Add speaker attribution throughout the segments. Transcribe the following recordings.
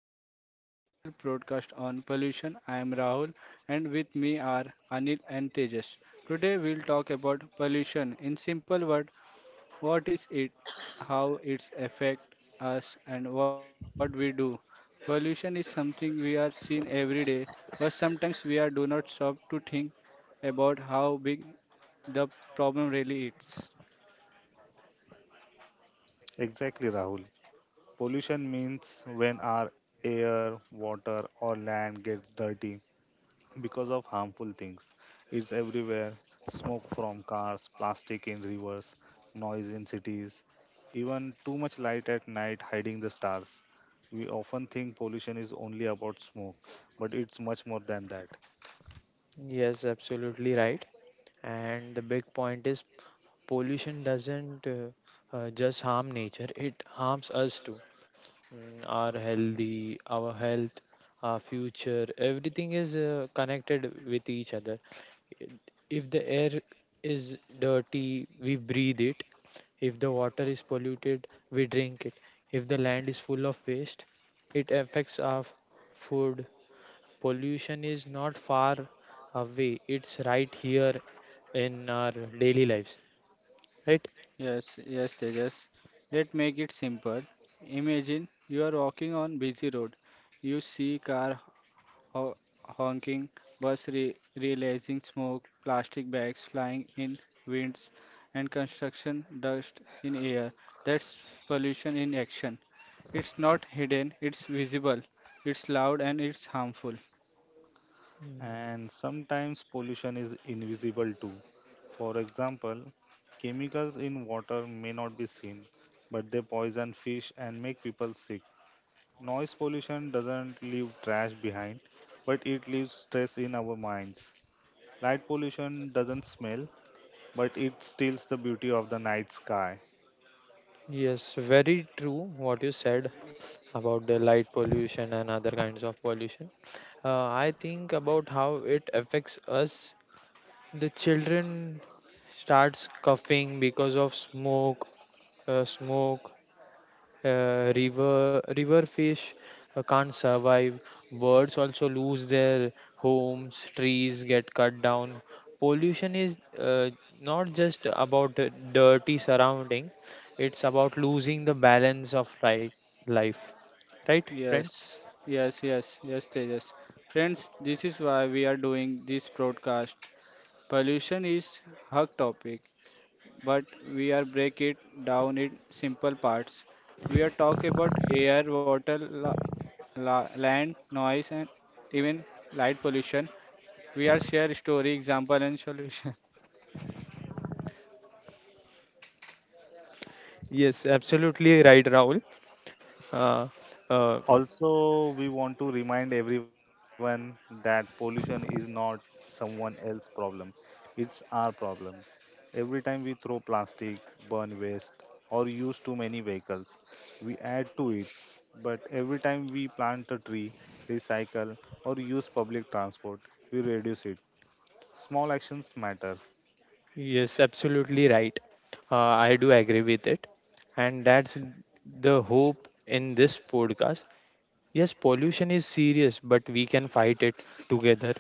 Speaker 1: to our special broadcast on pollution. I am Rahul, and with me are Anil and Tejas. Today, we'll talk about pollution in simple words what is it, how it's affect us, and what we do. Pollution is something we are seeing every day, but sometimes we are do not stop to think about how big the problem really is.
Speaker 2: Exactly, Rahul. Pollution means when our air, water, or land gets dirty because of harmful things. It's everywhere smoke from cars, plastic in rivers, noise in cities, even too much light at night hiding the stars. We often think pollution is only about smoke, but it's much more than that.
Speaker 3: Yes, absolutely right. And the big point is pollution doesn't just harm nature, it harms us too. Mm, Our health, our future, everything is connected with each other. If the air is dirty, we breathe it. If the water is polluted, we drink it. If the land is full of waste, it affects our food. Pollution is not far away. It's right here in our daily lives, right?
Speaker 1: Yes, yes, Tejas. Let make it simple. Imagine you are walking on busy road. You see car ho honking, bus re releasing smoke, plastic bags flying in winds, and construction dust in air. That's pollution in action. It's not hidden, it's visible, it's loud, and it's harmful.
Speaker 3: Mm,
Speaker 2: And sometimes pollution is invisible too. For example, chemicals in water may not be seen, but they poison fish and make people sick. Noise pollution doesn't leave trash behind, but it leaves stress in our minds. Light pollution doesn't smell, but it steals the beauty of the night sky.
Speaker 3: Yes, very true what you said about the light pollution and other kinds of pollution. I think about how it affects us. The children starts coughing because of smoke. River fish can't survive, birds also lose their homes, trees get cut down. Pollution is not just about the dirty surrounding, it's about losing the balance of right life, right friends?
Speaker 1: Yes, yes, yes, yes, Tejas. Friends, this is why we are doing this broadcast. Pollution is hot topic, but we are break it down in simple parts. We are talk about air, water, land, noise, and even light pollution. We are share story, example, and solution.
Speaker 3: Yes, absolutely right, Rahul. uh, uh,
Speaker 2: Also, we want to remind everyone that pollution is not someone else's problem, it's our problem. Every time we throw plastic, burn waste, or use too many vehicles, we add to it. But every time we plant a tree, recycle, or use public transport, we reduce it. Small actions matter.
Speaker 3: yes, absolutely right. I do agree with it, and that's the hope in this podcast. Yes, pollution is serious, but we can fight it together.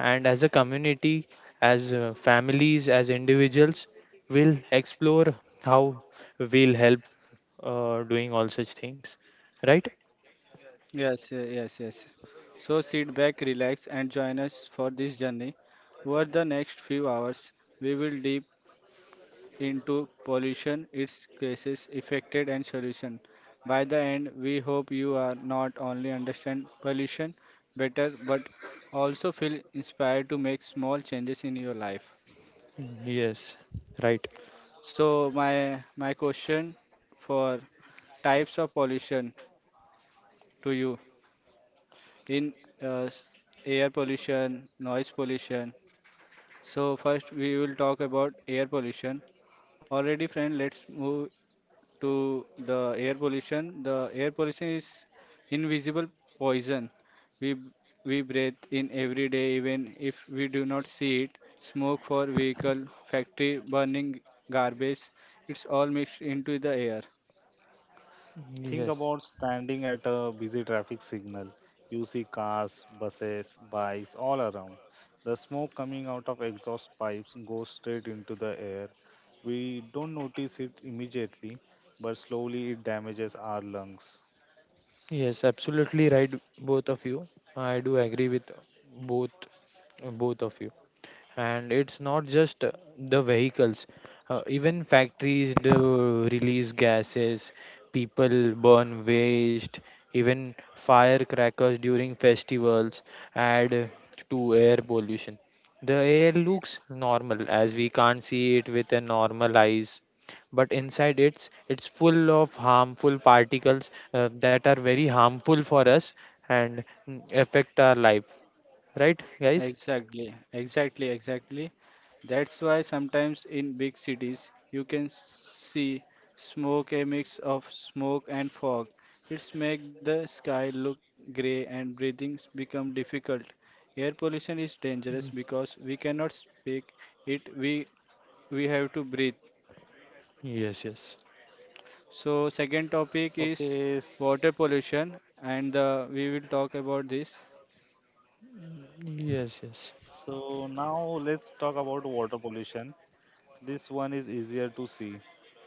Speaker 3: And as a community, as families, as individuals, we'll explore how we'll help doing all such things. Right?
Speaker 1: Yes, yes, yes. So sit back, relax, and join us for this journey. Over the next few hours, we will deep into pollution, its causes, affected and solution. By the end, we hope you are not only understand pollution better but also feel inspired to make small changes in your life.
Speaker 3: Yes, right.
Speaker 1: So my question for types of pollution to you in uh, s- air pollution, noise pollution. So first we will talk about air pollution. Already friend, let's move to the air pollution. The air pollution is invisible poison. We we breathe in every day, even if we do not see it. Smoke for vehicle, factory burning, garbage. It's all mixed into the air.
Speaker 2: Think
Speaker 3: Yes,
Speaker 2: about standing at a busy traffic signal. You see cars, buses, bikes all around. The smoke coming out of exhaust pipes goes straight into the air. We don't notice it immediately, but slowly it damages our lungs.
Speaker 3: yes, absolutely right, both of you. I do agree with both both of you. And it's not just the vehicles. Even factories do release gases, people burn waste, even firecrackers during festivals add to air pollution. The air looks normal, as we can't see it with a normal eyes, but inside it's full of harmful particles that are very harmful for us, and affect our life, right guys?
Speaker 1: Exactly, exactly, exactly. That's why sometimes in big cities you can see smoke a mix of smoke and fog. It's make the sky look grey and breathing become difficult. Air pollution is dangerous
Speaker 3: Mm,
Speaker 1: because we cannot speak it, we have to breathe.
Speaker 3: yes, yes.
Speaker 1: So second
Speaker 2: Okay,
Speaker 1: topic is water pollution and we will talk about this.
Speaker 3: Yes, yes,
Speaker 2: so now let's talk about water pollution. This one is easier to see.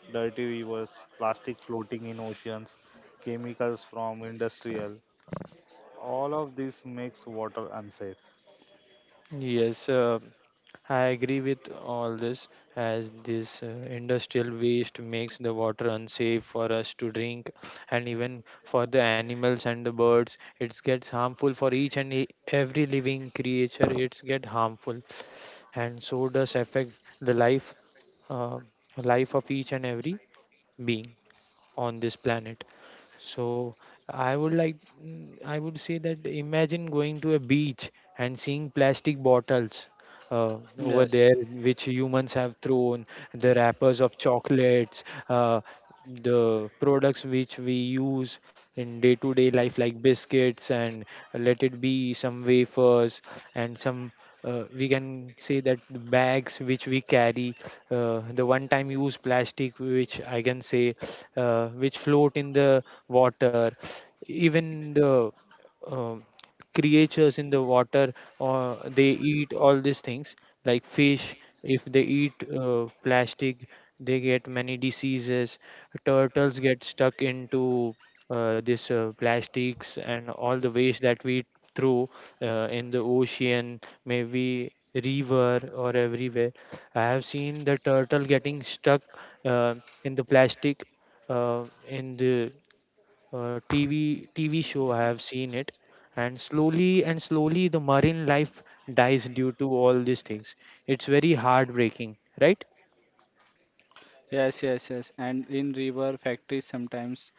Speaker 2: Dirty rivers, plastic floating in oceans, chemicals from industrial. All of this makes water unsafe.
Speaker 3: yes. I agree with all this, as this industrial waste makes the water unsafe for us to drink, and even for the animals and the birds, it gets harmful for each and every living creature. It's get harmful, and so does affect the life, uh, life of each and every being on this planet. So I would like mm, I would say that imagine going to a beach and seeing plastic bottles over
Speaker 1: Yes.
Speaker 3: there, which humans have thrown, the wrappers of chocolates, the products which we use in day to day life, like biscuits and let it be some wafers and some. We can say that the bags which we carry, the one time use plastic, which I can say, which float in the water, even the um creatures in the water, or they eat all these things like fish. If they eat plastic, they get many diseases. Turtles get stuck into this plastics and all the waste that we throw in the ocean, maybe river or everywhere. I have seen the turtle getting stuck uh, in the plastic in the TV show. I have seen it, and slowly the marine life dies due to all these things. It's very heartbreaking, right?
Speaker 1: Yes, yes, yes. And in river factories sometimes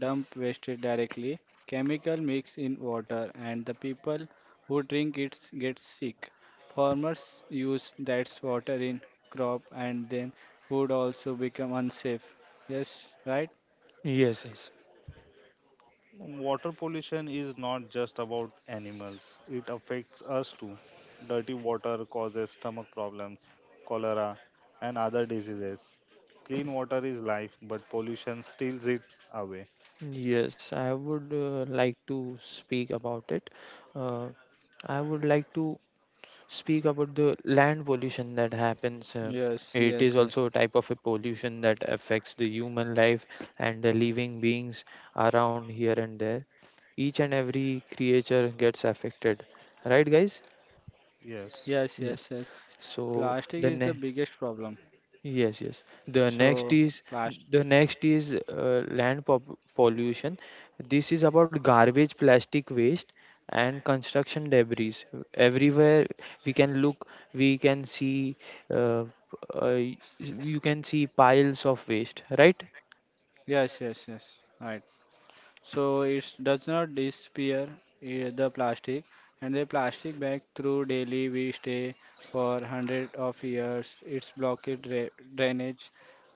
Speaker 1: dump waste directly. Chemical mix in water and the people who drink it get sick. Farmers use that water in crop and then food also become unsafe. Yes, right?
Speaker 3: Yes, yes,
Speaker 2: Water pollution is not just about animals, it affects us too. Dirty water causes stomach problems, cholera, and other diseases. Clean water is life, but pollution steals it away.
Speaker 3: yes. I would like to speak about it. Uh, I would like to speak about the land pollution that happens.
Speaker 1: Yes,
Speaker 3: It is
Speaker 1: yes,
Speaker 3: also
Speaker 1: yes.
Speaker 3: a type of a pollution that affects the human life and the living beings around here and there. Each and every creature gets affected. Right, guys?
Speaker 1: Yes,
Speaker 2: Yes.
Speaker 1: yes,
Speaker 3: Yes.
Speaker 1: yes. Plastic
Speaker 3: So
Speaker 1: is the biggest
Speaker 3: then
Speaker 1: problem.
Speaker 3: yes, yes. The
Speaker 1: So,
Speaker 3: next is
Speaker 1: plastic.
Speaker 3: the next is land pollution. This is about garbage, plastic waste, and construction debris. Everywhere we can look, we can see, uh, you can see piles of waste, right?
Speaker 1: Yes, yes, yes. Right. So it does not disappear the plastic and the plastic bag through daily we stay for hundred of years its blockage drainage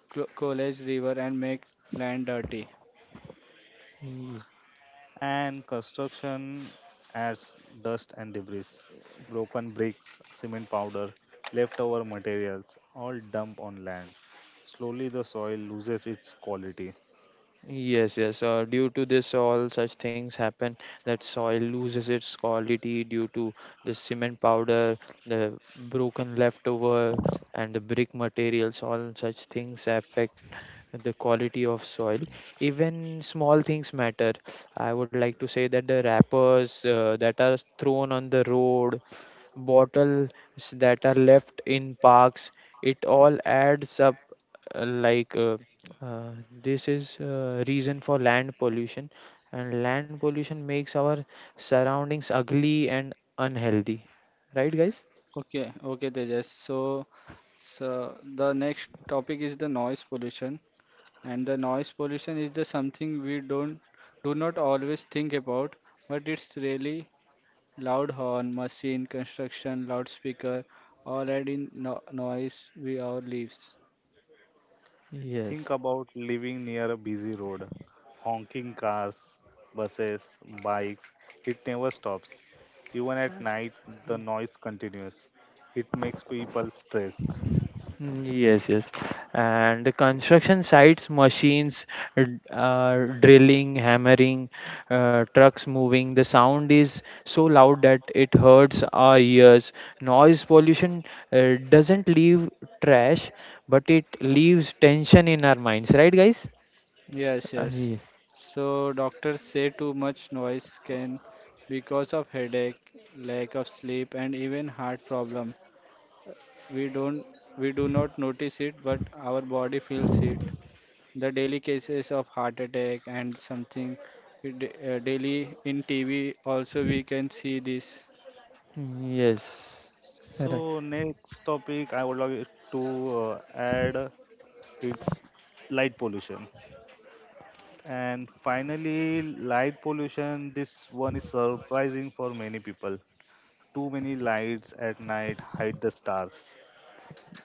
Speaker 1: college river and make land dirty.
Speaker 2: And construction adds dust and debris, broken bricks, cement powder, leftover materials all dump on land. Slowly, the soil loses its quality.
Speaker 3: Yes, yes. Due to this, all such things happen, that soil loses its quality due to the cement powder, the broken leftover, and the brick materials. All such things affect the quality of soil. Even small things matter. I would like to say that the wrappers that are thrown on the road, bottles that are left in parks, it all adds up uh, like uh, uh, this is reason for land pollution, and land pollution makes our surroundings ugly and unhealthy. Right, guys?
Speaker 1: Okay, okay, Tejas. So so the next topic is the noise pollution and the noise pollution is the something we don't do not always think about but it's really loud horn, machine, construction, loudspeaker, all adding noise with our lives.
Speaker 2: Think
Speaker 3: Yes.
Speaker 2: about living near a busy road, honking cars, buses, bikes. It never stops. Even at night, the noise continues. It makes people stressed.
Speaker 3: Mm, yes, yes. And the construction sites, machines, drilling, hammering, trucks moving, the sound is so loud that it hurts our ears. Noise pollution doesn't leave trash, but it leaves tension in our minds, right, guys?
Speaker 1: Yes,
Speaker 3: Uh,
Speaker 1: yes. So doctors say too much noise can because of headache, lack of sleep and even heart problem. We don't we do not notice it but our body feels it. The daily cases of heart attack and something we daily in TV also we can see this.
Speaker 3: Yes. Right.
Speaker 2: So next topic I would like to add it's light pollution. And finally, light pollution. This one is surprising for many people. Too many lights at night hide the stars.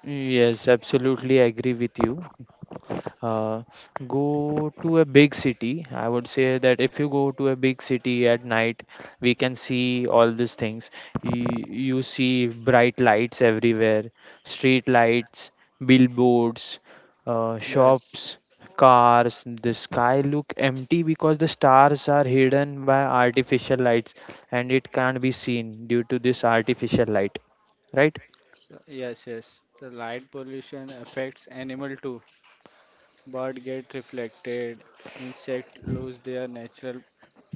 Speaker 3: Yes, absolutely agree with you. Uh, Go to a big city. I would say that if you go to a big city at night, we can see all these things. You see bright lights everywhere, street lights, billboards,
Speaker 1: Yes.
Speaker 3: shops, cars. The sky look empty because the stars are hidden by artificial lights, and it can't be seen due to this artificial light, right?
Speaker 1: So, yes, yes. The light pollution affects animal too. Bird get reflected, insect lose their natural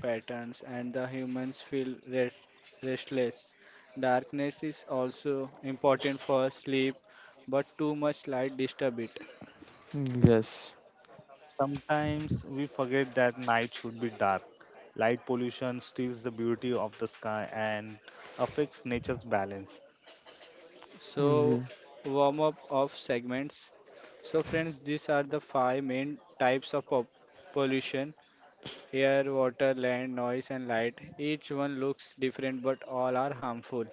Speaker 1: patterns, and the humans feel restless. Darkness is also important for sleep, but too much light disturb it.
Speaker 3: Mm, yes,
Speaker 2: Sometimes we forget that night should be dark. Light pollution steals the beauty of the sky and affects nature's balance.
Speaker 1: So,
Speaker 3: Ye-
Speaker 1: warm up of segments. So, friends, these are the five main types of pollution air, water, land, noise, and light. Each one looks different, but all are harmful.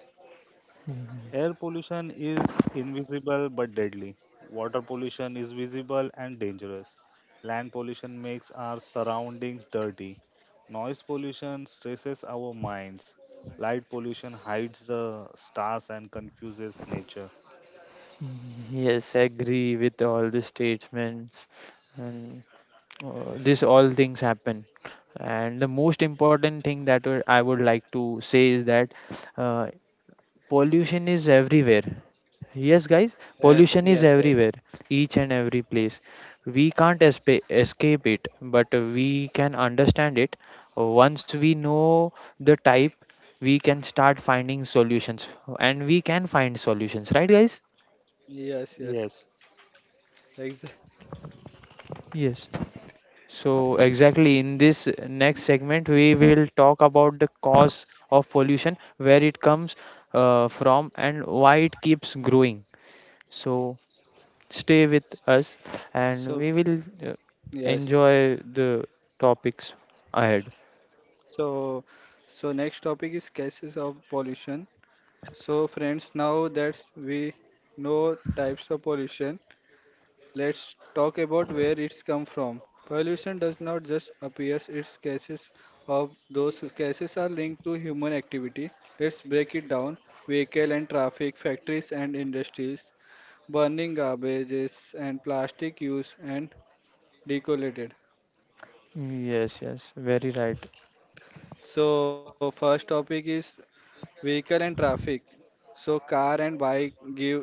Speaker 2: Air pollution is invisible but deadly. Water pollution is visible and dangerous. Land pollution makes our surroundings dirty. Noise pollution stresses our minds. Light pollution hides the stars and confuses nature.
Speaker 3: yes, agree with all the statements, and this all things happen. And the most important thing that I would like to say is that uh, pollution is everywhere. Yes guys,
Speaker 1: Yes,
Speaker 3: pollution is
Speaker 1: yes,
Speaker 3: everywhere,
Speaker 1: yes,
Speaker 3: each and every place. We can't escape it, but we can understand it. Once we know the type, we can start finding solutions, and we can find solutions, right guys?
Speaker 1: yes, yes.
Speaker 2: Yes,
Speaker 1: Exa-
Speaker 3: Yes. So exactly in this next segment we will talk about the cause of pollution, where it comes from and why it keeps growing. So stay with us,
Speaker 1: So,
Speaker 3: and we will uh,
Speaker 1: yes.
Speaker 3: enjoy the topics ahead.
Speaker 1: So, so next topic is cases of pollution. So, friends, now that we know types of pollution, let's talk about where it's come from. Pollution does not just appear, its cases of those cases are linked to human activity. Let's break it down. Vehicle and traffic, factories and industries, burning garbages and plastic use and decollated.
Speaker 3: Yes, yes, very right.
Speaker 1: So first topic is vehicle and traffic. So car and bike give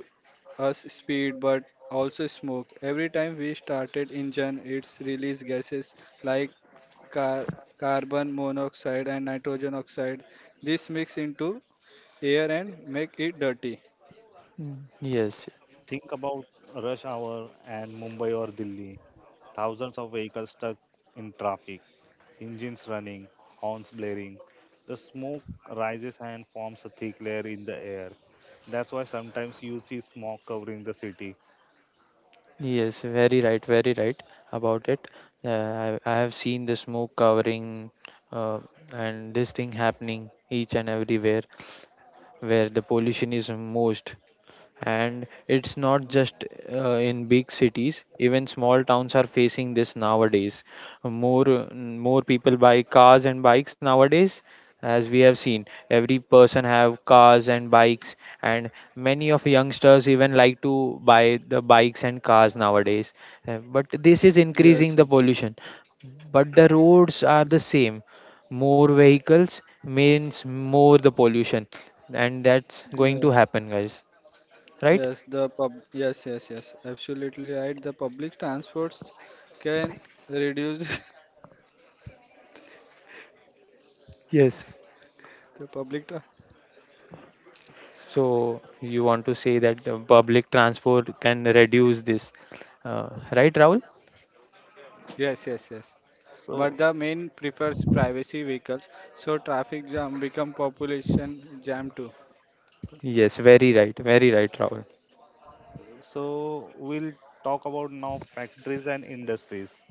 Speaker 1: us speed but also smoke. Every time we started engine, it's release gases like car- carbon monoxide and nitrogen oxide. This mix into air and make it dirty.
Speaker 3: Mm, yes,
Speaker 2: think about rush hour and Mumbai or Delhi. Thousands of vehicles stuck in traffic, engines running, horns blaring. The smoke rises and forms a thick layer in the air. That's why sometimes you see smog covering the city.
Speaker 3: yes, very right, very right about it. I have seen the smoke covering uh, and this thing happening each and everywhere, where the pollution is most. And it's not just in big cities, even small towns are facing this nowadays. More people buy cars and bikes nowadays, as we have seen every person have cars and bikes, and many of youngsters even like to buy the bikes and cars nowadays. But this is
Speaker 1: Yes,
Speaker 3: increasing the
Speaker 1: yes,
Speaker 3: pollution, but the roads are the same. More vehicles means more the pollution, and that's going to
Speaker 1: yes,
Speaker 3: happen guys, right?
Speaker 1: yes. The pub, yes, yes, yes. Absolutely right. The public transports can reduce the
Speaker 3: Yes.
Speaker 1: public.
Speaker 3: So you want to say that the public transport can reduce this, uh, right Rahul?
Speaker 1: Yes, yes, yes. But the
Speaker 2: So,
Speaker 1: main prefers privacy vehicles, so traffic jam become population jam too.
Speaker 3: Yes, very right, very right Rahul.
Speaker 2: so we'll talk about now factories and industries.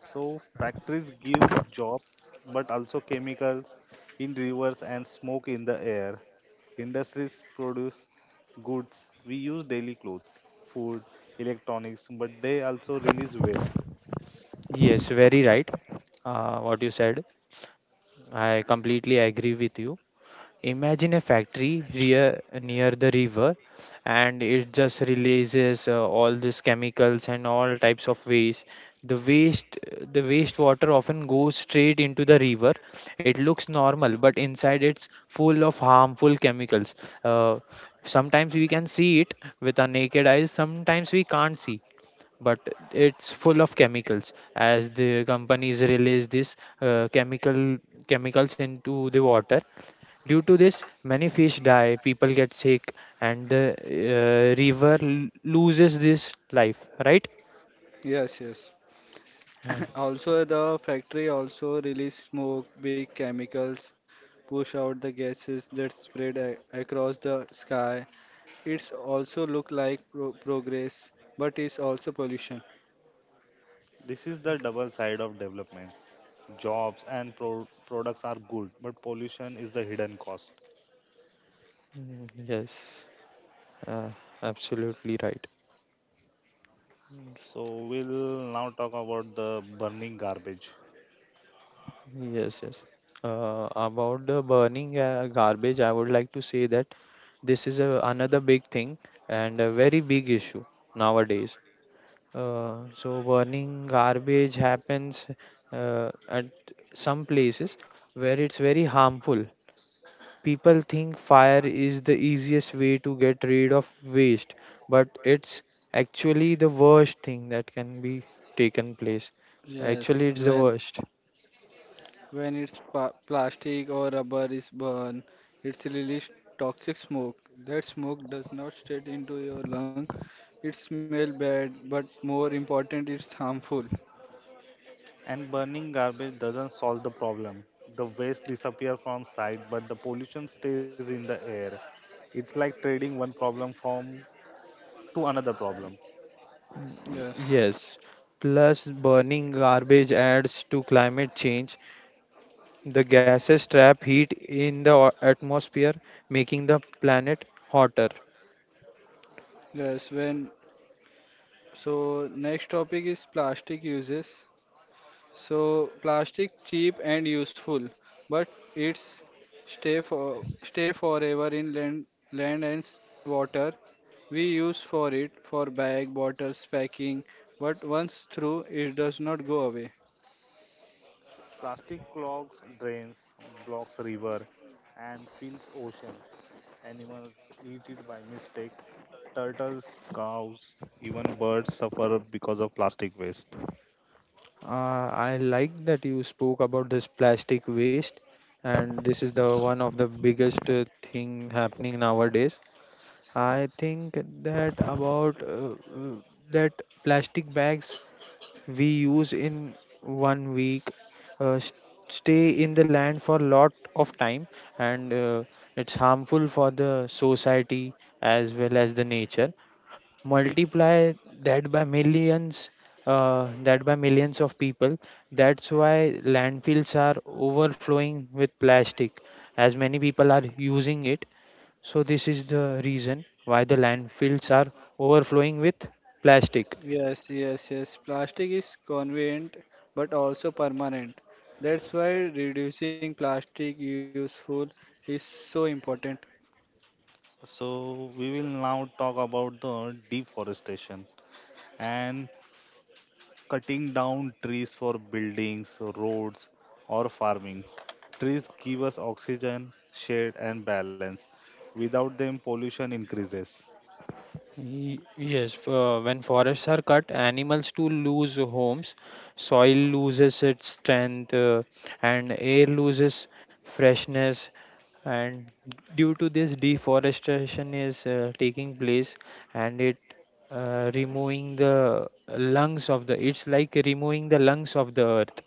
Speaker 2: So, factories give jobs, but also chemicals in rivers and smoke in the air. Industries produce goods we use daily clothes, food, electronics, but they also release waste.
Speaker 3: Yes, very right what you said. I completely agree with you. Imagine a factory near the river, and it just releases all these chemicals and all types of waste. The waste the waste water often goes straight into the river. It looks normal, but inside it's full of harmful chemicals. Uh, Sometimes we can see it with our naked eyes, sometimes we can't see, but it's full of chemicals as the companies release this chemicals into the water. Due to this, many fish die, people get sick, and the river loses this life, right?
Speaker 1: Yes, yes.
Speaker 3: Uh,
Speaker 1: Also, the factory also release smoke, big chemicals, push out the gases that spread a across the sky. It's also look like progress, but it's also pollution.
Speaker 2: This is the double side of development. Jobs and pro- products are good, but pollution is the hidden cost.
Speaker 3: yes. uh, Absolutely right.
Speaker 2: So we'll now talk about the burning garbage.
Speaker 3: Yes, yes. About the burning garbage, I would like to say that this is another big thing and a very big issue nowadays. So burning garbage happens at some places where it's very harmful. People think fire is the easiest way to get rid of waste, but it's actually the worst thing that can be taken place. So actually,
Speaker 1: Yes,
Speaker 3: it's the worst.
Speaker 1: when it's pa plastic or rubber is burned, it's released toxic smoke. That smoke does not straight into your lung. It smell bad, but more important, it's harmful.
Speaker 2: And burning garbage doesn't solve the problem. The waste disappears from sight, but the pollution stays in the air. It's like trading one problem from to another problem.
Speaker 3: Mm,
Speaker 1: Yes,
Speaker 3: yes. Plus, burning garbage adds to climate change. The gases trap heat in the atmosphere, making the planet hotter.
Speaker 1: yes. When so next topic is plastic uses. So plastic cheap and useful, but it's stay forever in land and water. We use for it for bag, bottles, packing, but once through it does not go away.
Speaker 2: Plastic clogs drains, blocks river, and fills oceans. Animals eat it by mistake. Turtles, cows, even birds suffer because of plastic waste.
Speaker 3: I like that you spoke about this plastic waste, and this is the one of the biggest thing happening nowadays. I think that about that plastic bags we use in one week uh, st- stay in the land for lot of time, and it's harmful for the society as well as the nature. Multiply that by millions, that by millions of people. That's why landfills are overflowing with plastic, as many people are using it. So this is the reason why the landfills are overflowing with plastic.
Speaker 1: Yes, yes, yes. Plastic is convenient but also permanent. That's why reducing plastic useful is so important.
Speaker 2: So we will now talk about the deforestation and cutting down trees for buildings, roads, or farming. Trees give us oxygen, shade, and balance. Without them, pollution increases.
Speaker 3: Yes, when forests are cut, animals too lose homes, soil loses its strength, and air loses freshness. And due to this, deforestation is taking place, and it removing the lungs of the. It's like removing the lungs of the earth.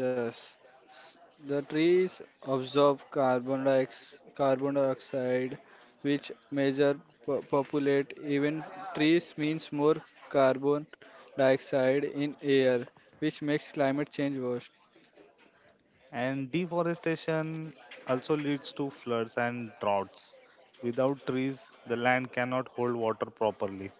Speaker 1: Yes, S- the trees absorb carbon dioxide, which major populate even trees means more carbon dioxide in air, which makes climate change worse.
Speaker 2: And deforestation also leads to floods and droughts. Without trees, the land cannot hold water properly.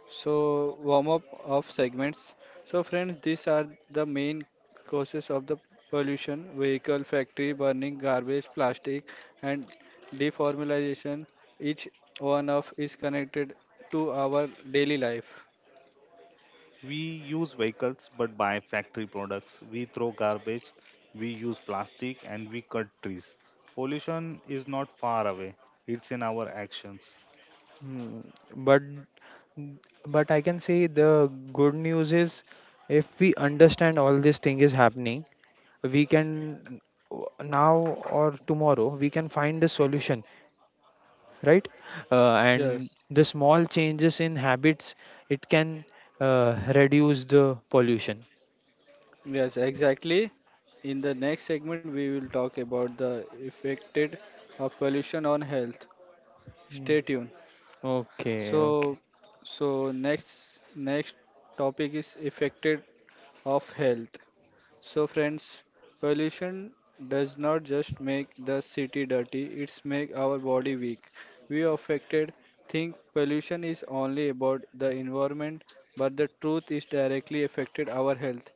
Speaker 1: So, warm up of segments. So, friends, these are the main causes of the pollution vehicle, factory burning, garbage, plastic, and deformalization. Each one of is connected to our daily life.
Speaker 2: We use vehicles but buy factory products. We throw garbage, we use plastic, and we cut trees. Pollution is not far away, it's in our actions.
Speaker 3: Hmm, But but I can say the good news is, if we understand all this thing is happening, we can, now or tomorrow we can find a solution, right? And
Speaker 1: Yes,
Speaker 3: the small changes in habits, it can reduce the pollution.
Speaker 1: yes, exactly. In the next segment, we will talk about the effected of pollution on health.
Speaker 3: Mm.
Speaker 1: Stay tuned.
Speaker 3: Okay, okay.
Speaker 1: So, so next topic is affected of health. So, friends, pollution does not just make the city dirty, it's make our body weak. We affected think pollution is only about the environment, but the truth is directly affected our health.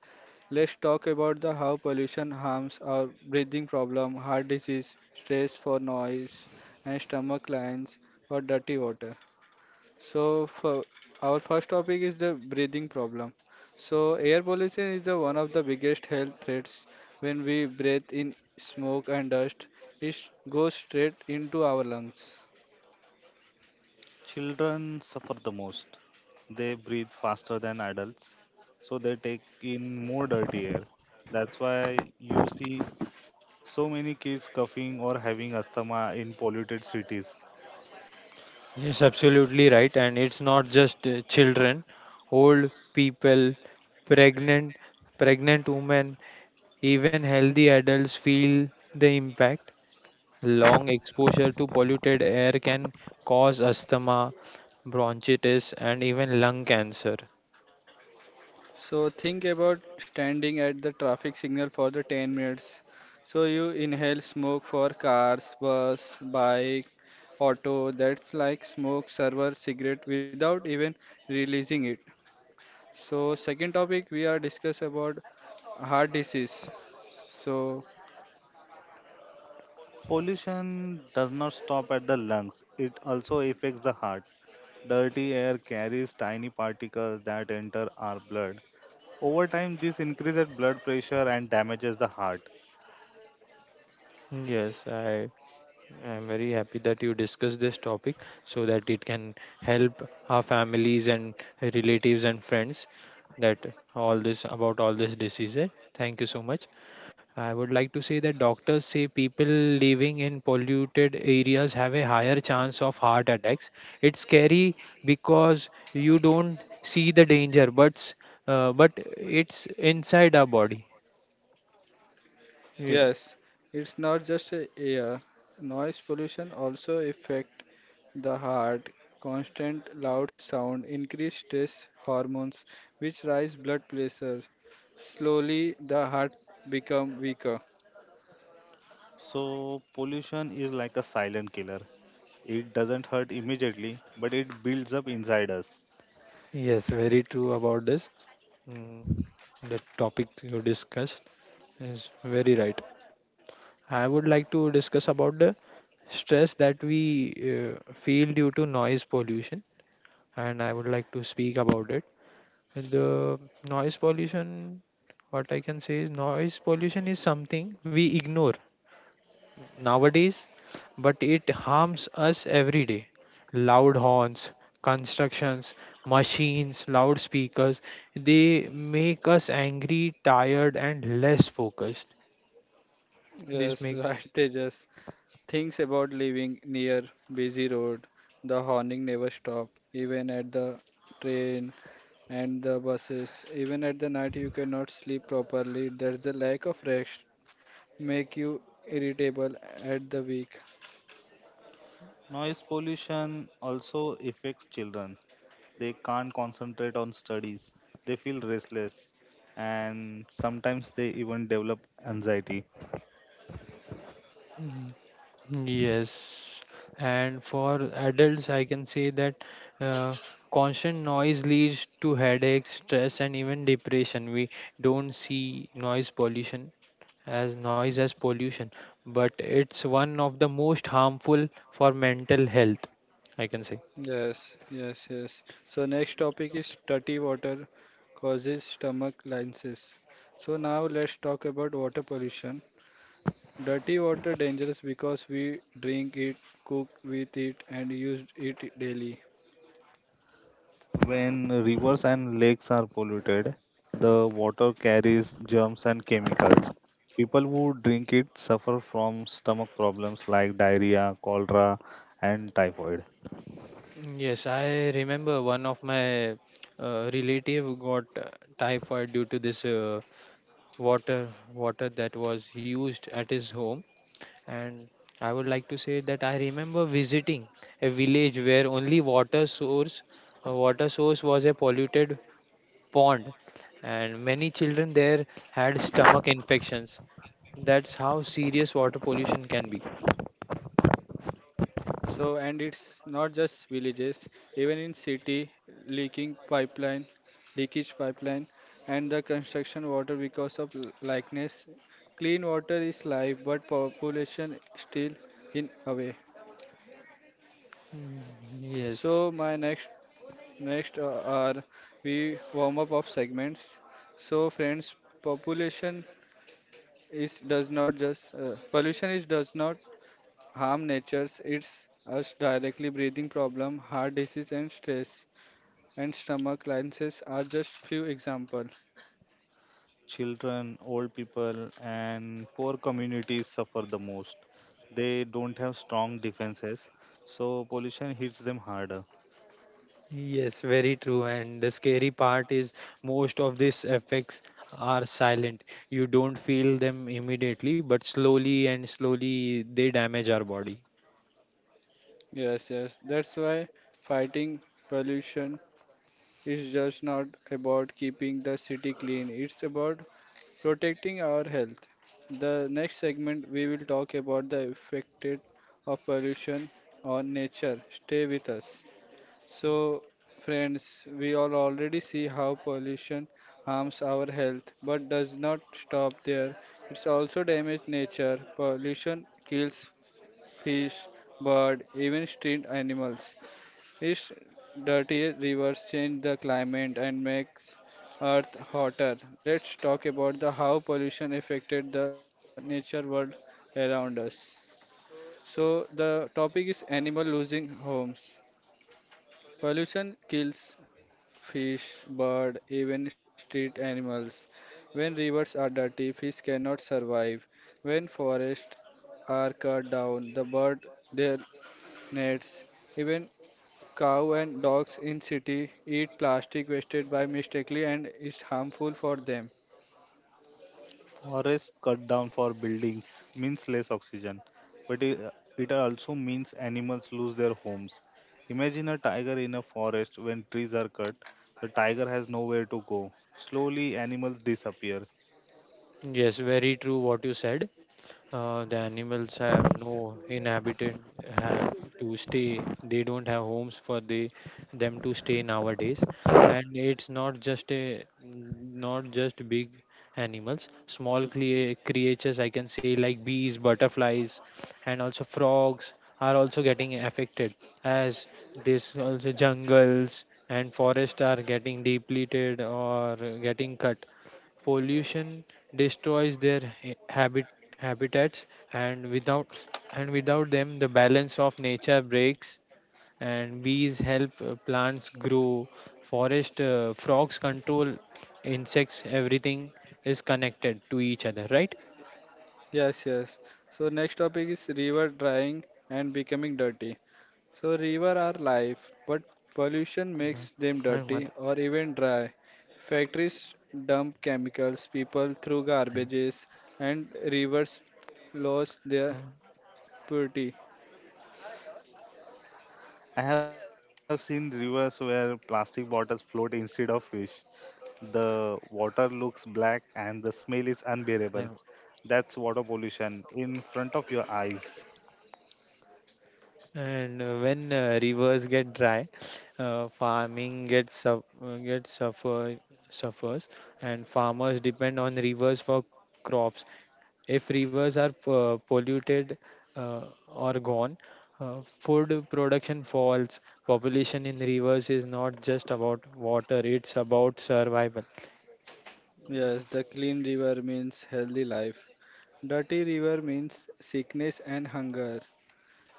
Speaker 1: Let's talk about the how pollution harms our breathing problem, heart disease, stress for noise, and stomach lines for dirty water. So for our first topic is the breathing problem. So air pollution is the one of the biggest health threats. When we breathe in smoke and dust, it goes straight into our lungs.
Speaker 2: Children suffer the most. They breathe faster than adults, so they take in more dirty air. That's why you see so many kids coughing or having asthma in polluted cities.
Speaker 3: Yes, absolutely right. And it's not just children, old people, pregnant, pregnant women, even healthy adults feel the impact. Long exposure to polluted air can cause asthma, bronchitis, and even lung cancer.
Speaker 1: So think about standing at the traffic signal for the 10 minutes. So you inhale smoke for cars, bus, bike, auto. That's like smoke, server, cigarette without even releasing it. So second topic we are discuss about heart disease. So
Speaker 2: Pollution does not stop at the lungs, it also affects the heart. Dirty air carries tiny particles that enter our blood. Over time, this increases blood pressure and damages the heart.
Speaker 3: Yes, I am very happy that you discussed this topic so that it can help our families and relatives and friends that all this about all this diseases. Thank you so much. I would like to say that doctors say people living in polluted areas have a higher chance of heart attacks. It's scary because you don't see the danger, but but it's inside our body. Ye-
Speaker 1: yes, it's not just a air. Noise pollution also affect the heart. Constant loud sound increase stress hormones, which rise blood pressure. Slowly, the heart become weaker.
Speaker 2: So, pollution is like a silent killer. It doesn't hurt immediately, but it builds up inside us.
Speaker 3: Yes, very true about this. Mm, the topic you discussed is very right. I would like to discuss about the stress that we feel due to noise pollution, and I would like to speak about it. And the noise pollution, what I can say is noise pollution is something we ignore nowadays, but it harms us every day. Loud horns, constructions, machines, loudspeakers, they make us angry, tired, and less focused. This
Speaker 1: Yes,
Speaker 3: make.
Speaker 1: right, they just things about living near busy road. The honking never stop, even at the train and the buses. Even at the night, you cannot sleep properly. That's the lack of rest make you irritable at the week.
Speaker 2: Noise pollution also affects children. They can't concentrate on studies. They feel restless and sometimes they even develop anxiety.
Speaker 3: Yes, and for adults, I can say that uh, constant noise leads to headaches, stress, and even depression. We don't see noise pollution as noise as pollution, but it's one of the most harmful for mental health, I can say.
Speaker 1: Yes, yes, yes. So next topic is dirty water causes stomach lines. So now let's talk about water pollution. Dirty water dangerous because we drink it, cook with it, and use it daily.
Speaker 2: When rivers and lakes are polluted, the water carries germs and chemicals. People who drink it suffer from stomach problems like diarrhea, cholera, and typhoid.
Speaker 3: Yes, I remember one of my relative got typhoid due to this water that was used at his home. And I would like to say that I remember visiting a village where only water source was a polluted pond and many children there had stomach infections. That's how serious water pollution can be.
Speaker 1: So, and it's not just villages, even in city, leaking pipeline, leakage pipeline, and the construction water because of l- likeness. Clean water is life, but population still in away.
Speaker 3: Mm, Yes,
Speaker 1: So, my next are we warm up of segments. So, friends, population is does not just pollution is does not harm nature's. It's us directly breathing problem, heart disease, and stress and stomach lenses are just few examples.
Speaker 2: Children, old people, and poor communities suffer the most. They don't have strong defenses, so pollution hits them harder.
Speaker 3: yes, very true. And the scary part is most of these effects are silent. You don't feel them immediately, but slowly and slowly they damage our body.
Speaker 1: Yes, yes. That's why fighting pollution is just not about keeping the city clean. It's about protecting our health. The next segment we will talk about the effect of pollution on nature. Stay with us. So, friends, we all already see how pollution harms our health, but does not stop there. It's also damage nature. Pollution kills fish, bird, even street animals. Its dirty rivers change the climate and makes earth hotter. Let's talk about the how pollution affected the nature world around us. So the topic is animal losing homes. Pollution kills fish, bird, even street animals. When rivers are dirty, fish cannot survive. When forests are cut down, the bird their nets. Even cow and dogs in city eat plastic wasted by mistakenly and is harmful for them.
Speaker 2: Forests cut down for buildings means less oxygen, but it also means animals lose their homes. Imagine a tiger in a forest when trees are cut, the tiger has nowhere to go. Slowly, animals disappear.
Speaker 3: Yes, very true what you said. The animals have no inhabitant have to stay. They don't have homes for the them to stay nowadays, and it's not just a not just big animals. Small creatures I can say like bees, butterflies, and also frogs are also getting affected as this also jungles and forests are getting depleted or getting cut. Pollution destroys their habitats, and without them the balance of nature breaks. And bees help plants grow, forest frogs control insects. Everything is connected to each other, right?
Speaker 1: Yes, yes. So next topic is river drying and becoming dirty. So river are life, but pollution
Speaker 3: Mhm.
Speaker 1: makes them
Speaker 3: Hi,
Speaker 1: dirty
Speaker 3: Madhu.
Speaker 1: or even dry. Factories dump chemicals, people throw
Speaker 3: Hi,
Speaker 1: garbages, and rivers lose their purity.
Speaker 2: I have seen rivers where plastic bottles float instead of fish. The water looks black and the smell is unbearable.
Speaker 3: Madhu.
Speaker 2: That's water pollution in front of your eyes.
Speaker 3: And when rivers get dry, farming gets suf- gets suffer suffers and farmers depend on rivers for crops. If rivers are polluted, uh, or gone, food production falls. Population in rivers is not just about water, it's about survival.
Speaker 1: Yes, the clean river means healthy life. Dirty river means sickness and hunger.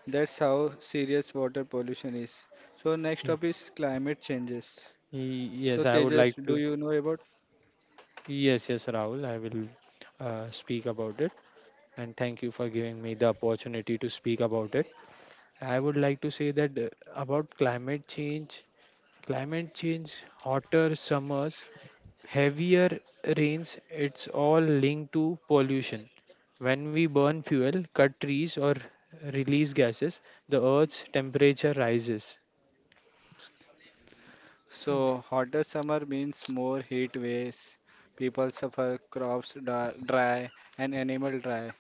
Speaker 1: That's how serious water pollution is. So next
Speaker 3: Y-
Speaker 1: up is climate changes. So
Speaker 3: Yes, I would
Speaker 1: Tejas,
Speaker 3: like
Speaker 1: do
Speaker 3: to.
Speaker 1: you know about?
Speaker 3: Yes, yes, Rahul, I will speak about it. And thank you for giving me the opportunity to speak about it. I would like to say that about climate change, hotter summers, heavier rains, it's all linked to pollution. When we burn fuel, cut trees, or release gases, the earth's temperature rises.
Speaker 1: So hotter summer means more heat waves. People suffer crops dry and animal dry.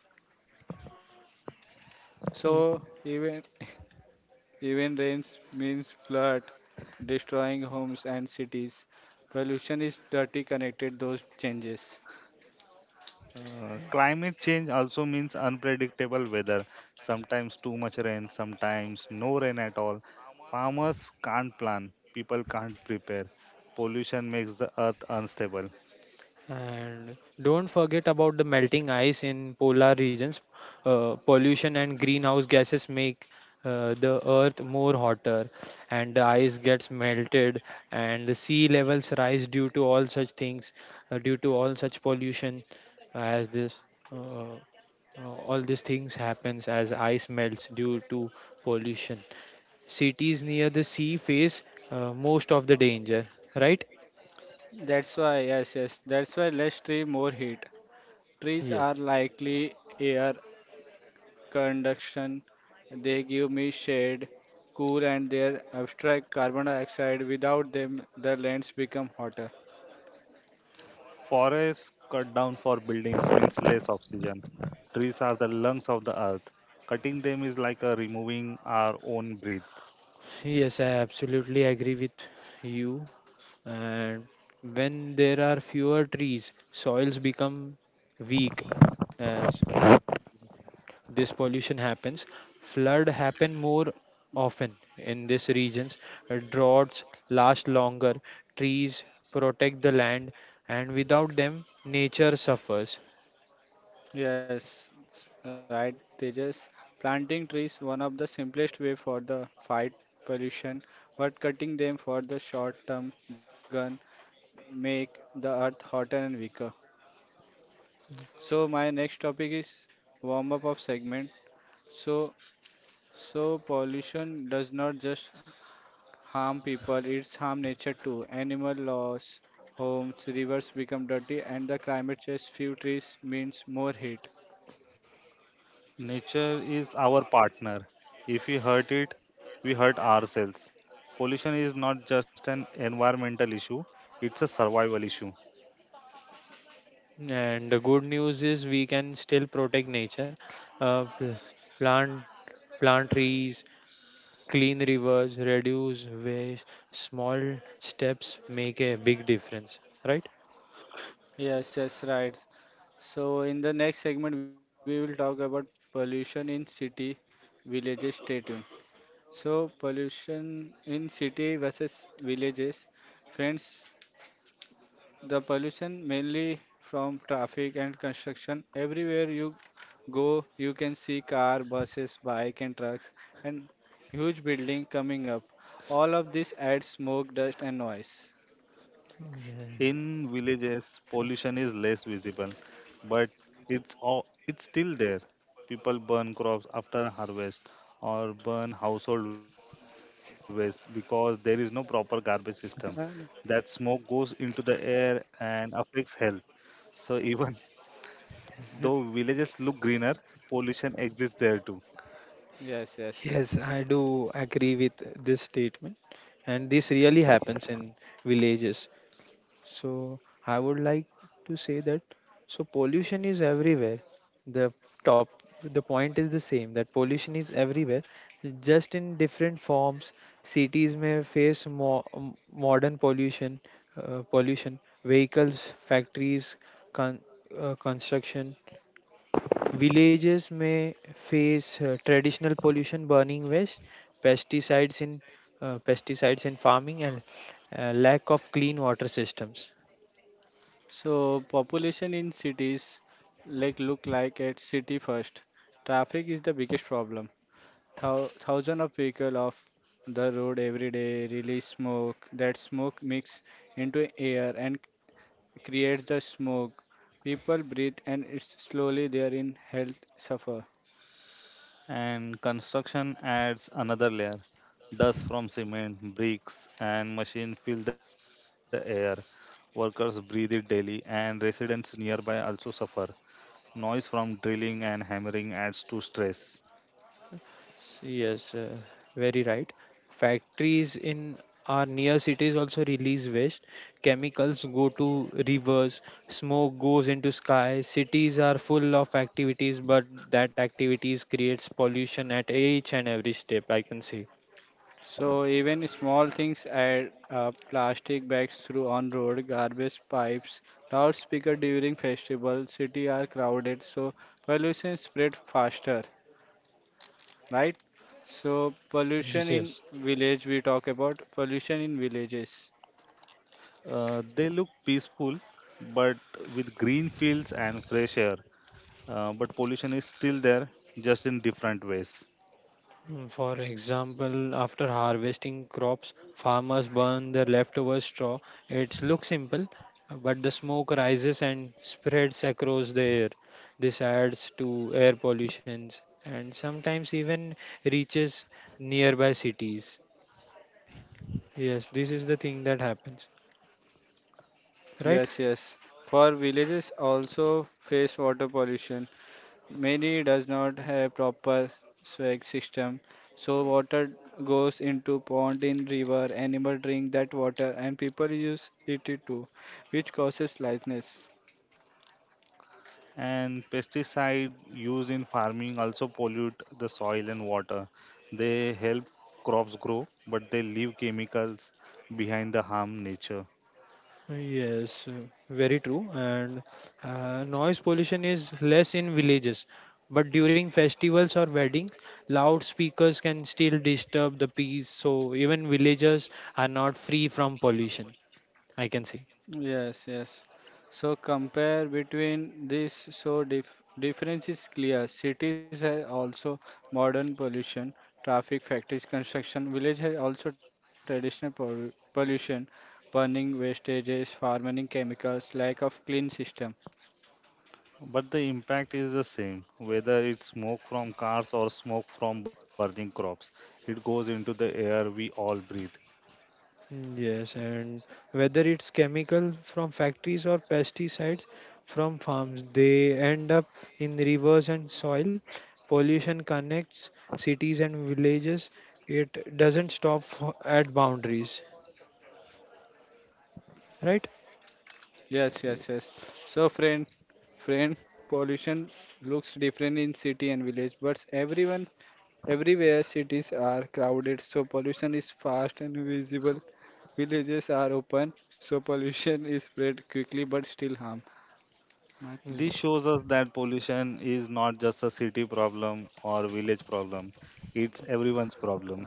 Speaker 3: Mm.
Speaker 1: So even even rains means flood, destroying homes and cities. Pollution is dirty connected those changes.
Speaker 2: Climate change also means unpredictable weather. Sometimes too much rain, sometimes no rain at all. Farmers can't plan, people can't prepare. Pollution makes the earth unstable.
Speaker 3: And don't forget about the melting ice in polar regions. Pollution and greenhouse gases make the earth more hotter, and the ice gets melted, and the sea levels rise due to all such things, due to all such pollution, as this, uh, all these things happens as ice melts due to pollution. Cities near the sea face most of the danger, right?
Speaker 1: That's why yes yes. That's why less tree more heat. Trees
Speaker 3: Yes,
Speaker 1: are likely air conduction. They give me shade, cool, and they abstract carbon dioxide. Without them, the lands become hotter.
Speaker 2: Forests cut down for buildings means less oxygen. Trees are the lungs of the earth. Cutting them is like a removing our own breath.
Speaker 3: yes, I absolutely agree with you. And when there are fewer trees, soils become weak as this pollution happens. Flood happen more often in these regions. Droughts last longer. Trees protect the land, and without them, nature suffers.
Speaker 1: Yes, right, Tejas. Planting trees one of the simplest way for the fight pollution, but cutting them for the short term gun make the earth hotter and weaker. So my next topic is warm up of segment. So so pollution does not just harm people, it's harm nature too. Animal loss, homes, rivers become dirty, and the climate change, few trees means more heat.
Speaker 2: Nature is our partner. If we hurt it, we hurt ourselves. Pollution is not just an environmental issue, it's a survival issue.
Speaker 3: And the good news is we can still protect nature. Uh, pl- plant Plant trees, clean rivers, reduce waste. Small steps make a big difference, right?
Speaker 1: Yes, yes, right. So in the next segment, we will talk about pollution in city, villages. Stay tuned. So pollution in city versus villages, friends. The pollution mainly from traffic and construction. Everywhere you go, you can see car, buses, bike and trucks and huge building coming up. All of this adds smoke, dust and noise.
Speaker 3: Yeah.
Speaker 2: In villages, pollution is less visible, but it's still there. People burn crops after harvest or burn household waste because there is no proper garbage system. That smoke goes into the air and affects health. So even though villages look greener, pollution exists there too.
Speaker 1: Yes, yes,
Speaker 3: Yes,
Speaker 1: yes.
Speaker 3: I do agree with this statement, and this really happens in villages. So I would like to say that so pollution is everywhere. The top the point is the same that pollution is everywhere, just in different forms. Cities may face modern pollution, pollution, vehicles, factories, con- construction. Villages may face traditional pollution, burning waste, pesticides in pesticides in farming, and lack of clean water systems.
Speaker 1: So population in cities like look like at city first. Traffic is the biggest problem. Thousand of vehicle off the road every day release smoke. That smoke mix into air and creates the smoke. People breathe and it's slowly their in health suffer.
Speaker 2: And construction adds another layer. Dust from cement, bricks, and machine fill the air. Workers breathe it daily, and residents nearby also suffer. Noise from drilling and hammering adds to stress.
Speaker 3: Yes, very right. Factories in our near cities also release waste. Chemicals go to rivers, smoke goes into sky. Cities are full of activities, but that activities creates pollution at each and every step, I can say.
Speaker 1: So even small things add up plastic bags through on road, garbage pipes, loudspeaker during festivals, city are crowded, so pollution spread faster, right? So pollution
Speaker 3: Yes,
Speaker 1: in
Speaker 3: yes.
Speaker 1: village we talk about pollution in villages.
Speaker 2: They look peaceful, but with green fields and fresh air. But pollution is still there, just in different ways.
Speaker 3: For example, after harvesting crops, farmers burn their leftover straw. It looks simple, but the smoke rises and spreads across the air. This adds to air pollution and sometimes even reaches nearby cities. Yes, this is the thing that happens, right?
Speaker 1: Yes, yes. For villages also face water pollution. Many does not have proper sewage system, so water goes into pond in river. Animal drink that water, and people use it too, which causes lightness.
Speaker 2: And pesticide used in farming also pollute the soil and water. They help crops grow, but they leave chemicals behind that harm nature.
Speaker 3: Yes, very true. And noise pollution is less in villages, but during festivals or weddings, loudspeakers can still disturb the peace. So even villagers are not free from pollution, I can say.
Speaker 1: Yes, yes. So compare between this, so difference is clear. Cities have also modern pollution, traffic, factories, construction. Village has also traditional pollution, burning wastages, farming chemicals, lack of clean system.
Speaker 2: But the impact is the same, whether it's smoke from cars or smoke from burning crops, it goes into the air we all breathe.
Speaker 3: Yes, and whether it's chemical from factories or pesticides from farms, they end up in rivers and soil. Pollution connects cities and villages. It doesn't stop at boundaries, right?
Speaker 1: Yes,
Speaker 2: Eh,
Speaker 1: yes, yes. So, friend, pollution looks different in city and village, but everyone, everywhere cities are crowded, so pollution is fast and visible. Villages are open, so pollution is spread quickly but still harm. Not
Speaker 3: Mm,
Speaker 2: this shows us that pollution is not just a city problem or village problem, it's everyone's
Speaker 1: harm.
Speaker 2: problem.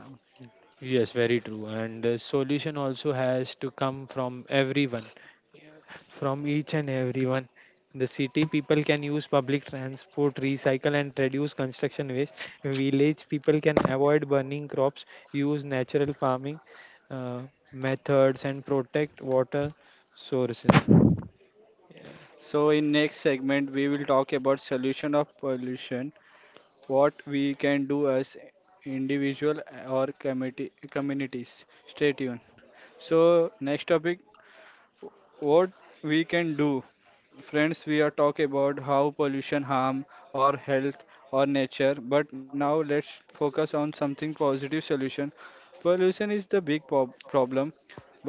Speaker 3: yes, very true. And the solution also has to come from everyone, from each and everyone. The city people can use public transport, recycle, and reduce construction waste. Village people can avoid burning crops, use natural farming uh, methods, and protect water sources.
Speaker 1: So, in next segment, we will talk about solution of pollution, what we can do as individual or committee communities. Stay tuned. So, next topic what we can do friends we are talk about how pollution harm our health or nature but now let's focus on something positive solution pollution is the big problem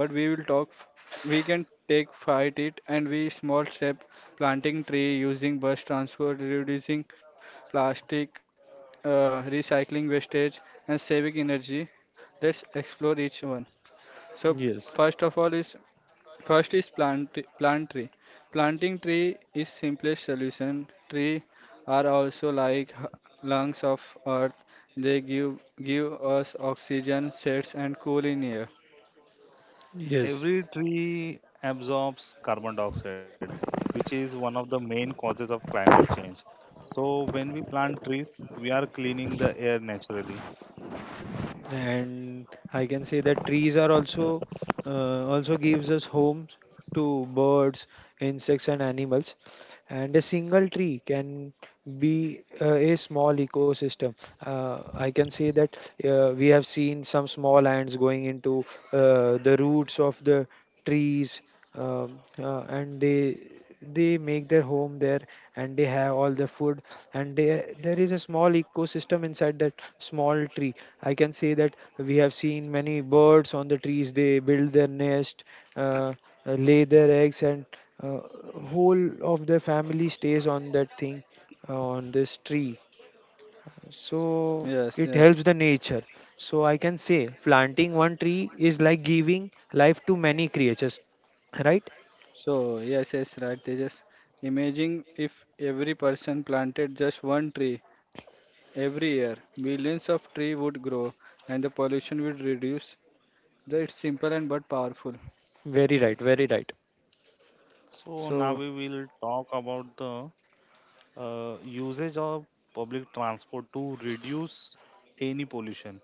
Speaker 1: but we will talk f- we can take fight it and we small step planting tree using bus transport reducing plastic recycling wastage and saving energy let's explore each one so
Speaker 3: Yes,
Speaker 1: first of all is First is plant tree. Planting tree is simplest solution. Tree are also like lungs of earth. They give us oxygen, shades and cool in air.
Speaker 3: yes.
Speaker 2: Every tree absorbs carbon dioxide, which is one of the main causes of climate change. So, when we plant trees, we are cleaning the air naturally.
Speaker 3: And I can say that trees are also also gives us homes to birds, insects, and animals. And a single tree can be a small ecosystem. I can say that we have seen some small ants going into the roots of the trees. And they make their home there, and they have all the food. And there is a small ecosystem inside that small tree. I can say that we have seen many birds on the trees. They build their nest, uh, lay their eggs, and uh, whole of their family stays on that thing, on this tree. So
Speaker 1: Yes,
Speaker 3: it
Speaker 1: yes.
Speaker 3: helps the nature. So I can say planting one tree is like giving life to many creatures, right?
Speaker 1: So yes, yes, right. They just imagine if every person planted just one tree every year, millions of tree would grow and the pollution would reduce. That it's simple and but powerful.
Speaker 3: Very right, very right.
Speaker 2: So, now
Speaker 1: So
Speaker 2: we will talk about the usage of public transport to reduce any pollution.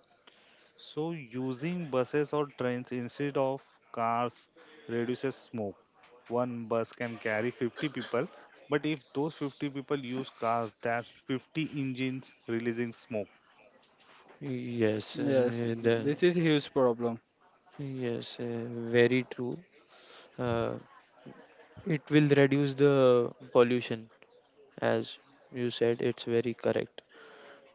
Speaker 2: So, using buses or trains instead of cars reduces smoke. One bus can carry 50 people, but if those 50 people use cars, that's 50 engines releasing smoke.
Speaker 3: Yes,
Speaker 1: yes, this is
Speaker 3: the,
Speaker 1: huge problem.
Speaker 3: yes, very true. uh, it will reduce the pollution. As you said, it's very correct.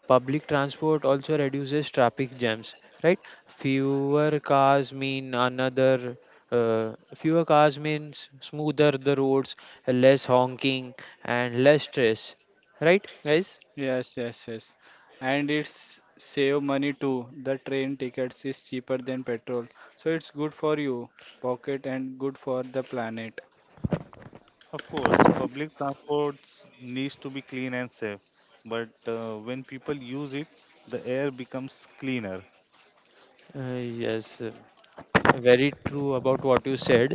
Speaker 3: Public transport also reduces traffic jams, right? fewer cars mean another Fewer cars means smoother the roads, less honking, and less stress, right guys?
Speaker 1: Yes, yes, yes. And it's save money too. The train tickets is cheaper than petrol. So it's good for you pocket and good for the planet.
Speaker 2: Of course, public transports needs to be clean and safe, but when people use it, the air becomes cleaner.
Speaker 3: Yes, very true about what you said.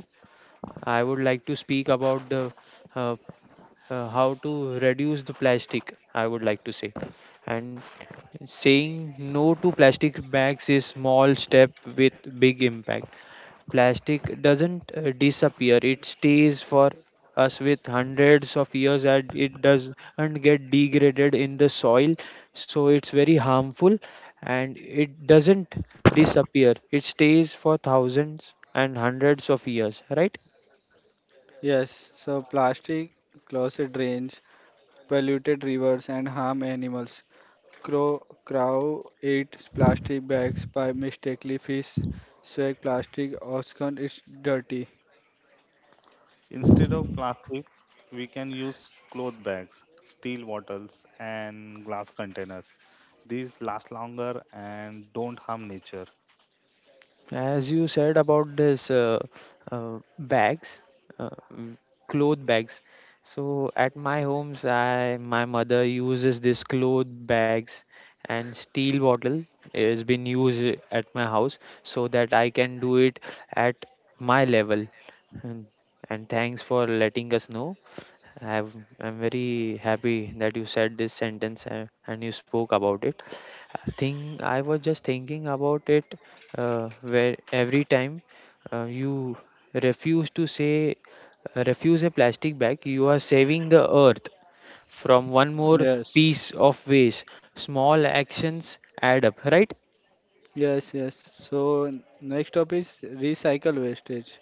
Speaker 3: I would like to speak about the uh, how to reduce the plastic, I would like to say. And saying no to plastic bags is small step with big impact. Plastic doesn't disappear; it stays for us with hundreds of years, and it doesn't get degraded in the soil. So it's very harmful, and it doesn't disappear. It stays for thousands and hundreds of years, right?
Speaker 1: Yes, so plastic closet drains, polluted rivers and harm animals. Crow crow eats plastic bags by mistakenly fish swag plastic Oscar is dirty.
Speaker 2: Instead of plastic, we can use cloth bags, steel bottles, and glass containers. These last longer and don't harm nature.
Speaker 3: As you said about this bags, uh, mm, cloth bags. So at my homes, I my mother uses this cloth bags and steel bottle has been used at my house so that I can do it at my level. And, and thanks for letting us know. I've, I'm very happy that you said this sentence and you spoke about it. I think I was just thinking about it where every time you refuse to say refuse a plastic bag, you are saving the earth from one more
Speaker 1: Yes.
Speaker 3: piece of waste. Small actions add up, right?
Speaker 1: Yes, yes. So next up is recycle wastage.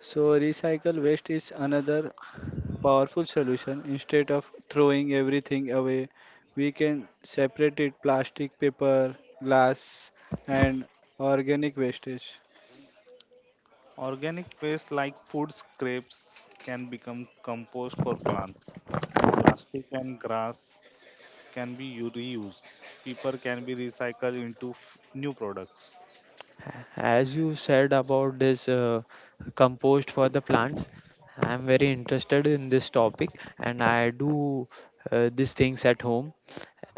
Speaker 1: So recycle waste is another powerful solution. Instead of throwing everything away, we can separate it plastic, paper, glass, and organic wastage.
Speaker 2: Organic waste like food scraps can become compost for plants. Plastic and grass can be reused. Paper can be recycled into new products.
Speaker 3: As you said about this compost for the plants, I am very interested in this topic and I do these things at home.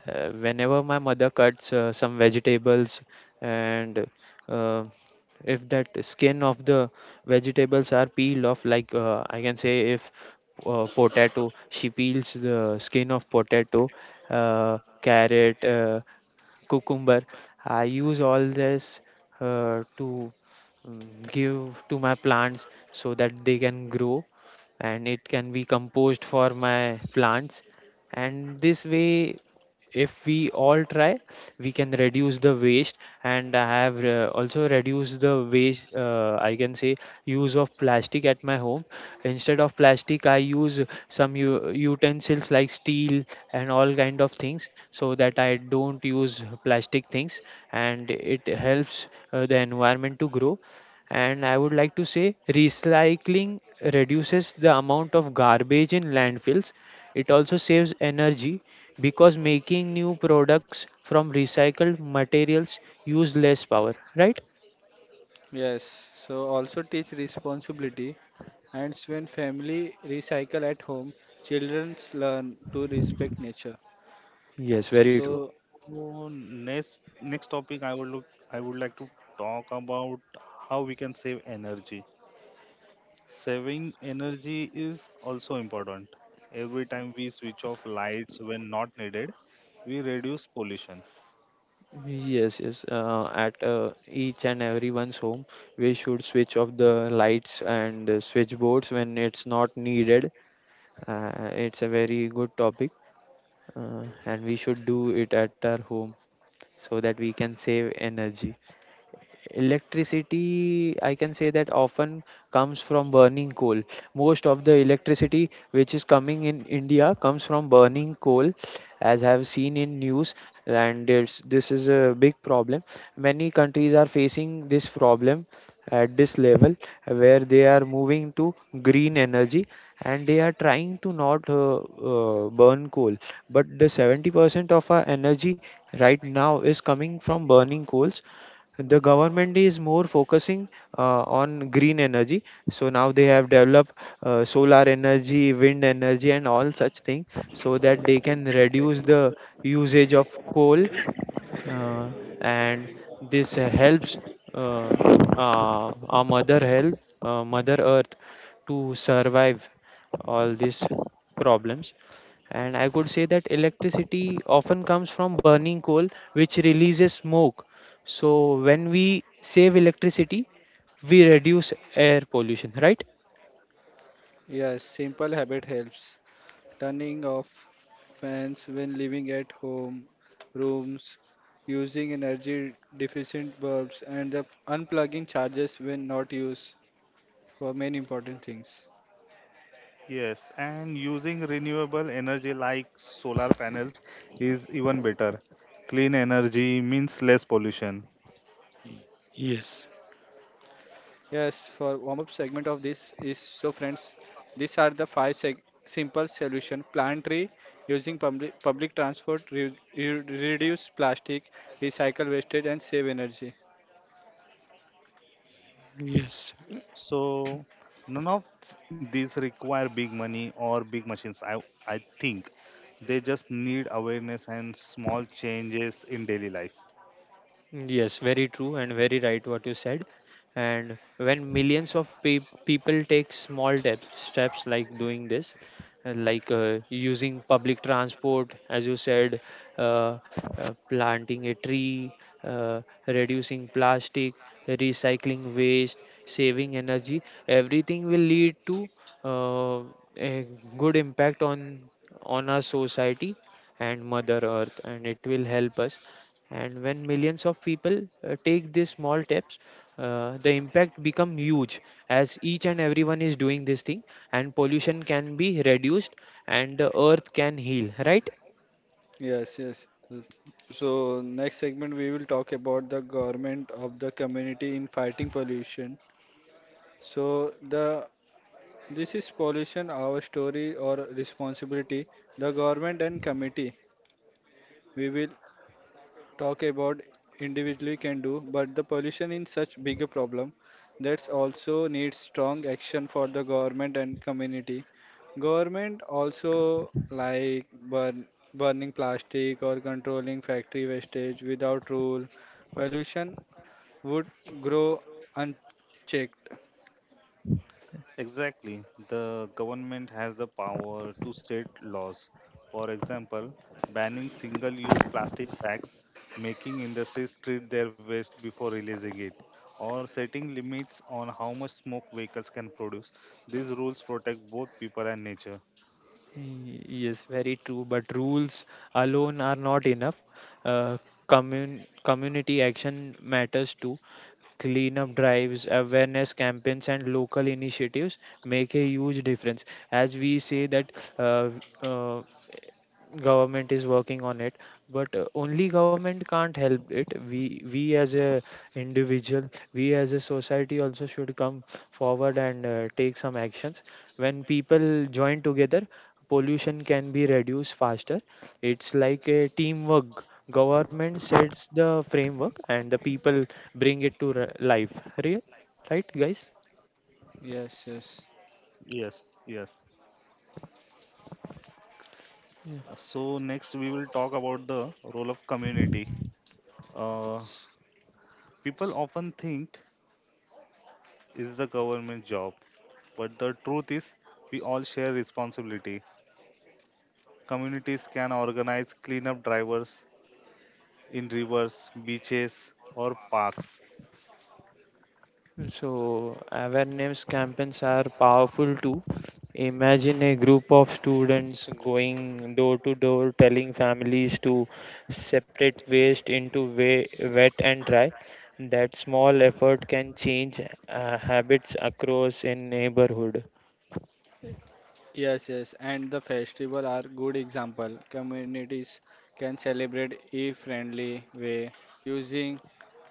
Speaker 3: Whenever my mother cuts some vegetables and uh, if that skin of the vegetables are peeled off, like I can say if potato, she peels the skin of potato, carrot. Cucumber. I use all this to give to my plants so that they can grow and it can be composed for my plants. And this way, if we all try, we can reduce the waste. And I have also reduced the waste, I can say, use of plastic at my home. Instead of plastic, I use some utensils like steel and all kind of things so that I don't use plastic things. And it helps the environment to grow. And I would like to say recycling reduces the amount of garbage in landfills. It also saves energy because making new products from recycled materials use less power, right?
Speaker 1: Yes, so also teach responsibility. And when family recycle at home, children learn to respect nature.
Speaker 3: Yes, very true.
Speaker 1: So
Speaker 2: So next topic I would like to talk about how we can save energy. Saving energy is also important. Every time we switch off lights when not needed, we reduce pollution.
Speaker 3: Yes, yes. At each and everyone's home, we should switch off the lights and switchboards when it's not needed. It's a very good topic, and we should do it at our home. So that we can save energy, electricity, I can say, that often comes from burning coal. Most of the electricity which is coming in India comes from burning coal, as I have seen in news. This is a big problem. Many countries are facing this problem at this level, where they are moving to green energy and they are trying to not burn coal. But the 70% of our energy right now is coming from burning coals. The government is more focusing on green energy. So now they have developed solar energy, wind energy, and all such things so that they can reduce the usage of coal. uh, and this helps uh, our mother, help mother earth to survive all these problems. And I could say that electricity often comes from burning coal which releases smoke. So when we save electricity, we reduce air pollution, right?
Speaker 1: yes, simple habit helps. Turning off fans when living at home, rooms, using energy deficient bulbs, and the unplugging chargers when not used for main important things.
Speaker 2: Yes, and using renewable energy like solar panels is even better. Clean energy means less pollution.
Speaker 3: Y- Yes,
Speaker 1: Yes, for warm up segment of this is so friends, these are the simple solution: plant tree using public transport, reduce plastic, recycle wastage, and save energy.
Speaker 3: yes.
Speaker 2: So none of these require big money or big machines. I think they just need awareness and small changes in daily life.
Speaker 3: Yes, very true and very right what you said. And when millions of people take small steps like doing this, like using public transport, as you said, uh, planting a tree, reducing plastic, recycling waste, saving energy, everything will lead to uh, a good impact on our society and Mother Earth, and it will help us. And when millions of people take these small steps, the impact become huge, as each and everyone is doing this thing, and pollution can be reduced and the earth can heal, right?
Speaker 1: Yes, yes, yes. So next segment we will talk about the government of the community in fighting pollution. So the this is pollution our story or responsibility. The government and committee. We will talk about individually can do, but the pollution is such bigger problem that's also needs strong action for the government and community. Government also like burning plastic or controlling factory wastage without rule, pollution would grow unchecked.
Speaker 2: Exactly. The government has the power to state laws. For example, banning single use plastic bags, making industries treat their waste before releasing it, or setting limits on how much smoke vehicles can produce. These rules protect both people and nature.
Speaker 3: Yes, very true. But rules alone are not enough. Uh, community action matters too. Cleanup drives, awareness campaigns, and local initiatives make a huge difference. As we say that, uh, uh, government is working on it, but only government can't help it. We as a individual, we as a society also should come forward and take some actions. When people join together, pollution can be reduced faster. It's like a teamwork: government sets the framework and the people bring it to re- life real Right, guys?
Speaker 1: Yes, yes.
Speaker 2: Yes, yes. So, next we will talk about the role of community. Uh, people often think is the government job, but the truth is we all share responsibility. Communities can organize cleanup drivers in rivers, beaches, or parks.
Speaker 3: So, awareness campaigns are powerful too. Imagine a group of students going door to door telling families to separate waste into wet and dry. That small effort can change habits across a neighborhood.
Speaker 1: Yes, yes, and the festival are good example. Communities can celebrate e-friendly way using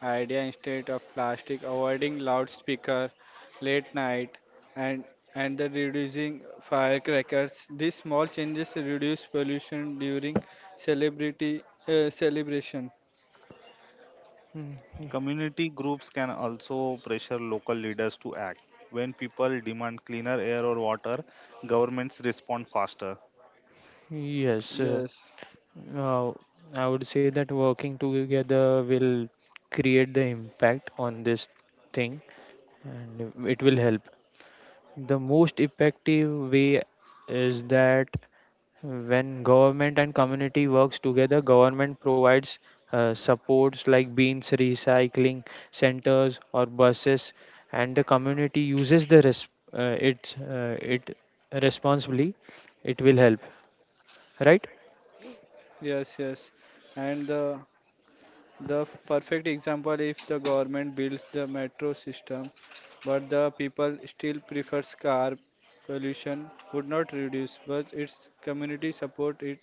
Speaker 1: idea instead of plastic, avoiding loudspeaker, late night, and and the reducing firecrackers. These small changes reduce pollution during celebrity celebration.
Speaker 3: Mm, mm.
Speaker 2: Community groups can also pressure local leaders to act. When people demand cleaner air or water, governments respond faster.
Speaker 3: Yes,
Speaker 1: Yes,
Speaker 3: uh, I would say that working together will create the impact on this thing, and it will help. The most effective way is that when government and community works together, government provides supports like bins, recycling centers, or buses, and the community uses the res- it it responsibly. It will help, right?
Speaker 1: yes, yes, and the perfect example if the government builds the metro system, but the people still prefers car, pollution would not reduce, but its community support it,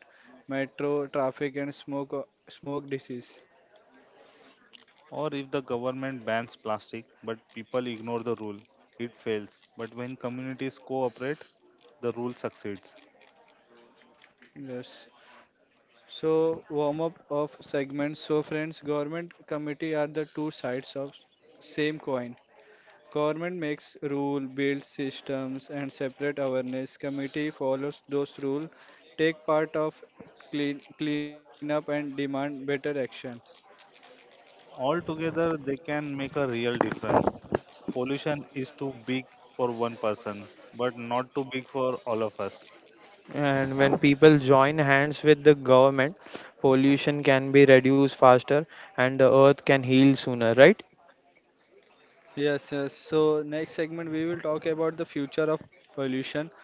Speaker 1: metro traffic and smoke disease.
Speaker 2: Or if the government bans plastic but people ignore the rule, it fails. But when communities cooperate, the rule succeeds.
Speaker 1: Yes. So warm up of segments. So friends, government committee are the two sides of same coin. Government makes rule, builds systems, and separate awareness. Committee follows those rules, take part of cleanup, and demand better action.
Speaker 2: Altogether, they can make a real difference. Pollution is too big for one person, but not too big for all of us.
Speaker 3: And when people join hands with the government, pollution can be reduced faster, and the earth can heal sooner, right?
Speaker 1: Yes, yes. So next segment we will talk about the future of pollution,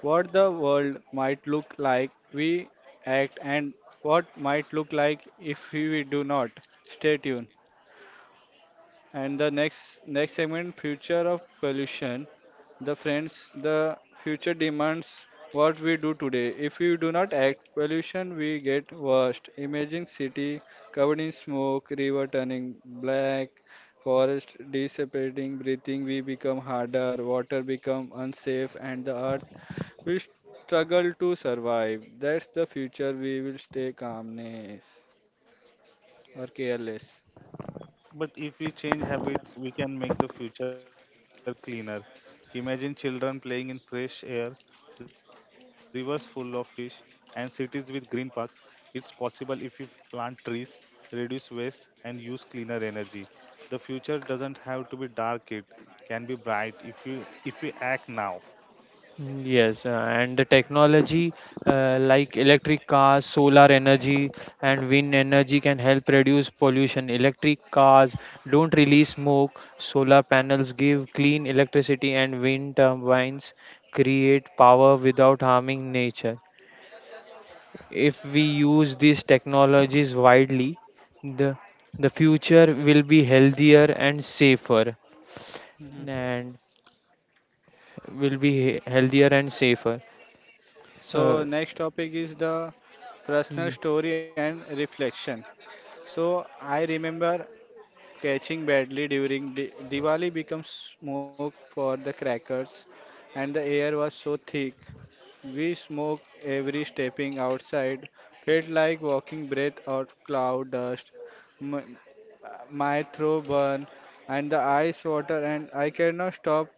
Speaker 1: what the world might look like we act, and what might look like if we do not. Stay tuned. And the next segment, future of pollution. The friends, the future demands what we do today. If we do not act, pollution we get worst. Imagine city covered in smoke, river turning black, forest dissipating, breathing we become harder, water become unsafe, and the earth will struggle to survive. That's the future. We will stay calmness or careless.
Speaker 2: But if we change habits, we can make the future cleaner. Imagine children playing in fresh air, rivers full of fish, and cities with green parks. It's possible if you plant trees, reduce waste, and use cleaner energy. The future doesn't have to be dark, it can be bright if we act now.
Speaker 3: Mm, yes. And the technology like electric cars, solar energy, and wind energy can help reduce pollution. Electric cars don't release smoke, solar panels give clean electricity, and wind turbines create power without harming nature. If we use these technologies widely, the, the future will be healthier and safer,
Speaker 1: Mhm.
Speaker 3: and will be healthier and safer. Uh,
Speaker 1: So next topic is the personal story and reflection. So I remember catching badly during Diwali becomes smoke for the crackers, and the air was so thick. We smoke every stepping outside, felt like walking breath out cloud dust. My, my throat burn, and the eyes water, and I cannot stop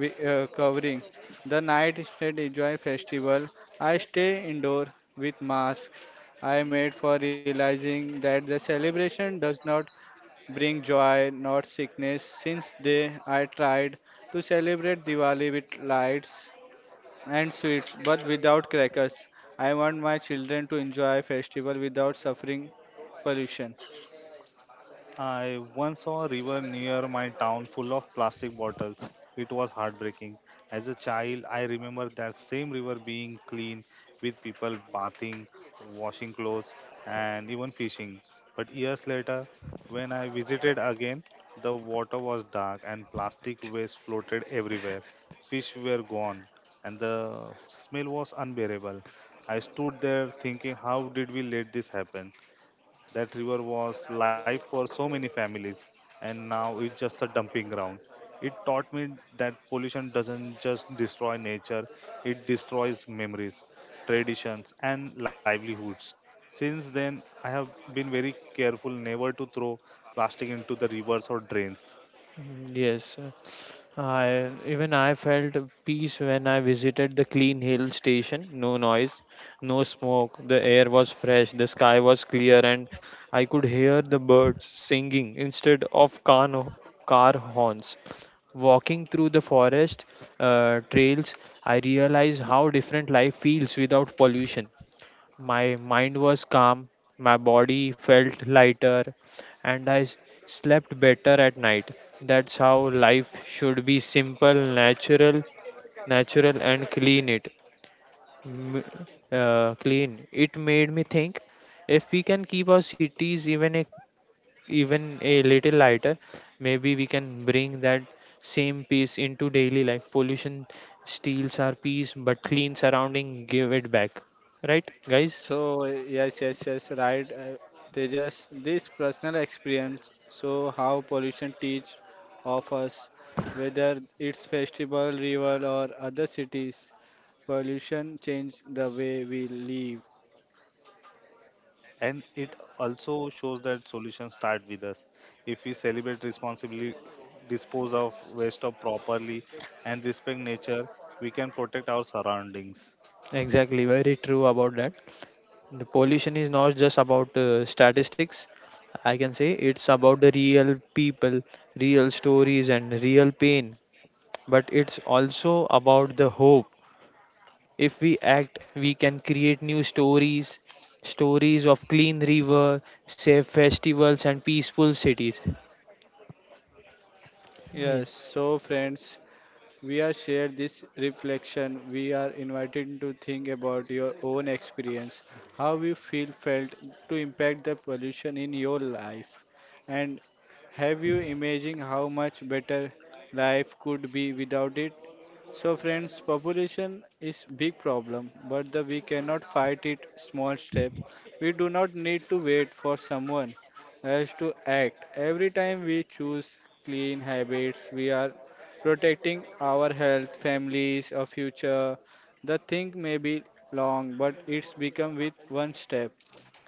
Speaker 1: covering. The night instead enjoy festival. I stay indoor with masks. I made for realizing that the celebration does not bring joy, not sickness. Since they I tried to celebrate Diwali with lights and sweets, but without crackers. I want my children to enjoy festival without suffering pollution.
Speaker 2: I once saw a river near my town full of plastic bottles. It was heartbreaking. As a child, I remember that same river being clean with people bathing, washing clothes, and even fishing. But years later, when I visited again, the water was dark and plastic waste floated everywhere. Fish were gone, and the smell was unbearable. I stood there thinking, how did we let this happen? That river was life for so many families, and now it's just a dumping ground. It taught me that pollution doesn't just destroy nature, it destroys memories, traditions, and livelihoods. Since then, I have been very careful never to throw plastic into the rivers or drains.
Speaker 3: Mm, yes. I felt a peace when I visited the Clean Hill station. No noise, no smoke. The air was fresh, the sky was clear, and I could hear the birds singing instead of car horns. Walking through the forest trails, I realized how different life feels without pollution. My mind was calm, my body felt lighter, and slept better at night. That's how life should be: simple, natural, natural and clean. M- it made me think, if we can keep our cities even even a little lighter, maybe we can bring that same peace into daily life. Pollution steals our peace, but clean surrounding give it back, right, guys?
Speaker 1: So yes, yes, yes, right. They just this personal experience. So how pollution teach of us, whether it's festival, river, or other cities pollution change the way we live
Speaker 2: And it also shows that solutions start with us. If we celebrate responsibly, dispose of waste of properly, and respect nature, we can protect our surroundings.
Speaker 3: Exactly, very true about that. The pollution is not just about statistics, I can say. It's about the real people, real stories, and real pain. But it's also about the hope. If we act, we can create new stories, stories of clean river, safe festivals, and peaceful cities.
Speaker 1: yes
Speaker 3: Ye-
Speaker 1: so friends we are share this reflection we are invited to think about your own experience how you feel felt to impact the pollution in your life and have you imagined how much better life could be without it? So friends, population is big problem, but the, we cannot fight it small step. We do not need to wait for someone else to act. Every time we choose clean habits, we are protecting our health, families, our future. The thing may be long, but it's become with one step.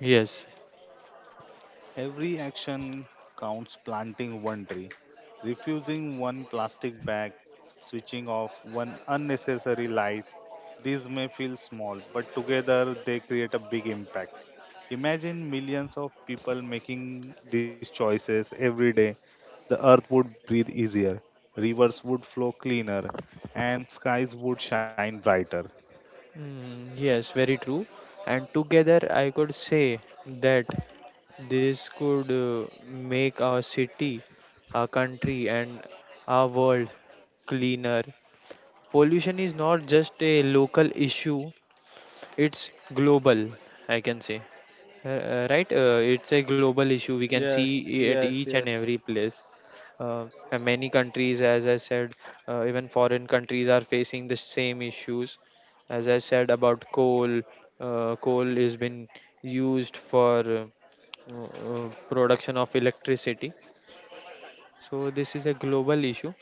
Speaker 3: Yes.
Speaker 2: Every action counts planting one tree, refusing one plastic bag, switching off one unnecessary light. These may feel small, but together they create a big impact. Imagine millions of people making these choices every day. The earth would breathe easier, rivers would flow cleaner, and skies would shine brighter.
Speaker 3: Mm, yes, very true. And together, I could say that this could make our city, our country, and our world cleaner. Pollution is not just a local issue, it's global, I can say. Right, it's a global issue, we can see
Speaker 1: Yes,
Speaker 3: at
Speaker 1: yes,
Speaker 3: each and
Speaker 1: yes.
Speaker 3: every place. uh, and many countries, as I said, even foreign countries are facing the same issues, as I said about coal. Coal is been used for production of electricity. So, this is a global issue,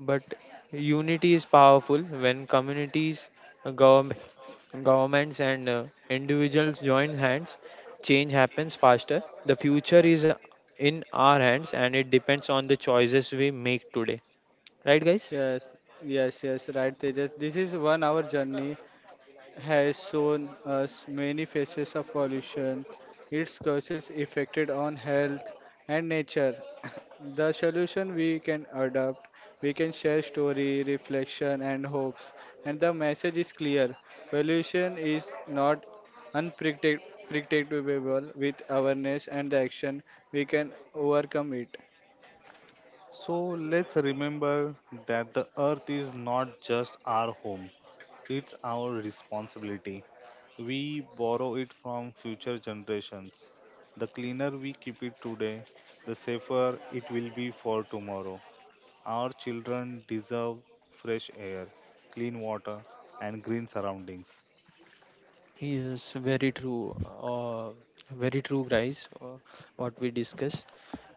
Speaker 3: but unity is powerful. When communities, government, governments, and individuals join hands, change happens faster. The future is in our hands, and it depends on the choices we make today. Right, guys?
Speaker 1: Yes, yes, yes, right, Tejas. This is 1 hour journey has shown us many faces of pollution, its causes affected on health and nature. The solution we can adopt, we can share story, reflection and hopes. And the message is clear. Pollution is not unpredictable with awareness and the action we can overcome it.
Speaker 2: So let's remember that the earth is not just our home, it's our responsibility. We borrow it from future generations. The cleaner we keep it today, the safer it will be for tomorrow. Our children deserve fresh air, clean water, and green surroundings.
Speaker 3: Yes, very true. Very true, guys. What we discuss.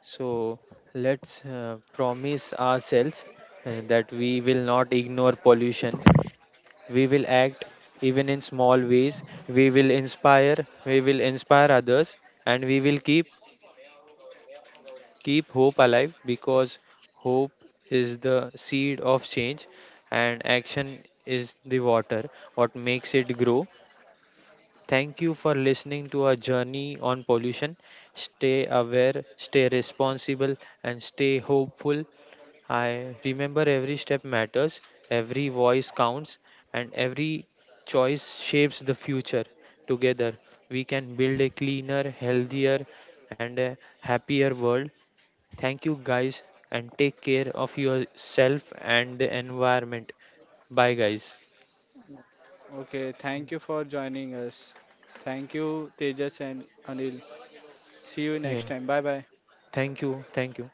Speaker 3: So let's promise ourselves that we will not ignore pollution. We will act even in small ways. We will inspire we will inspire others, and we will keep keep hope alive, because hope is the seed of change and action is the water what makes it grow. Thank you for listening to our journey on pollution. Stay aware, stay responsible, and stay hopeful. I remember every step matters, every voice counts, and every choice shapes the future. Together, we can build a cleaner, healthier, and a happier world. Thank you, guys, and take care of yourself and the environment. Bye, guys.
Speaker 1: Okay, thank you for joining us. Thank you, Tejas and Anil. See you
Speaker 3: Yeah,
Speaker 1: next time. Bye bye.
Speaker 3: thank you. Thank you.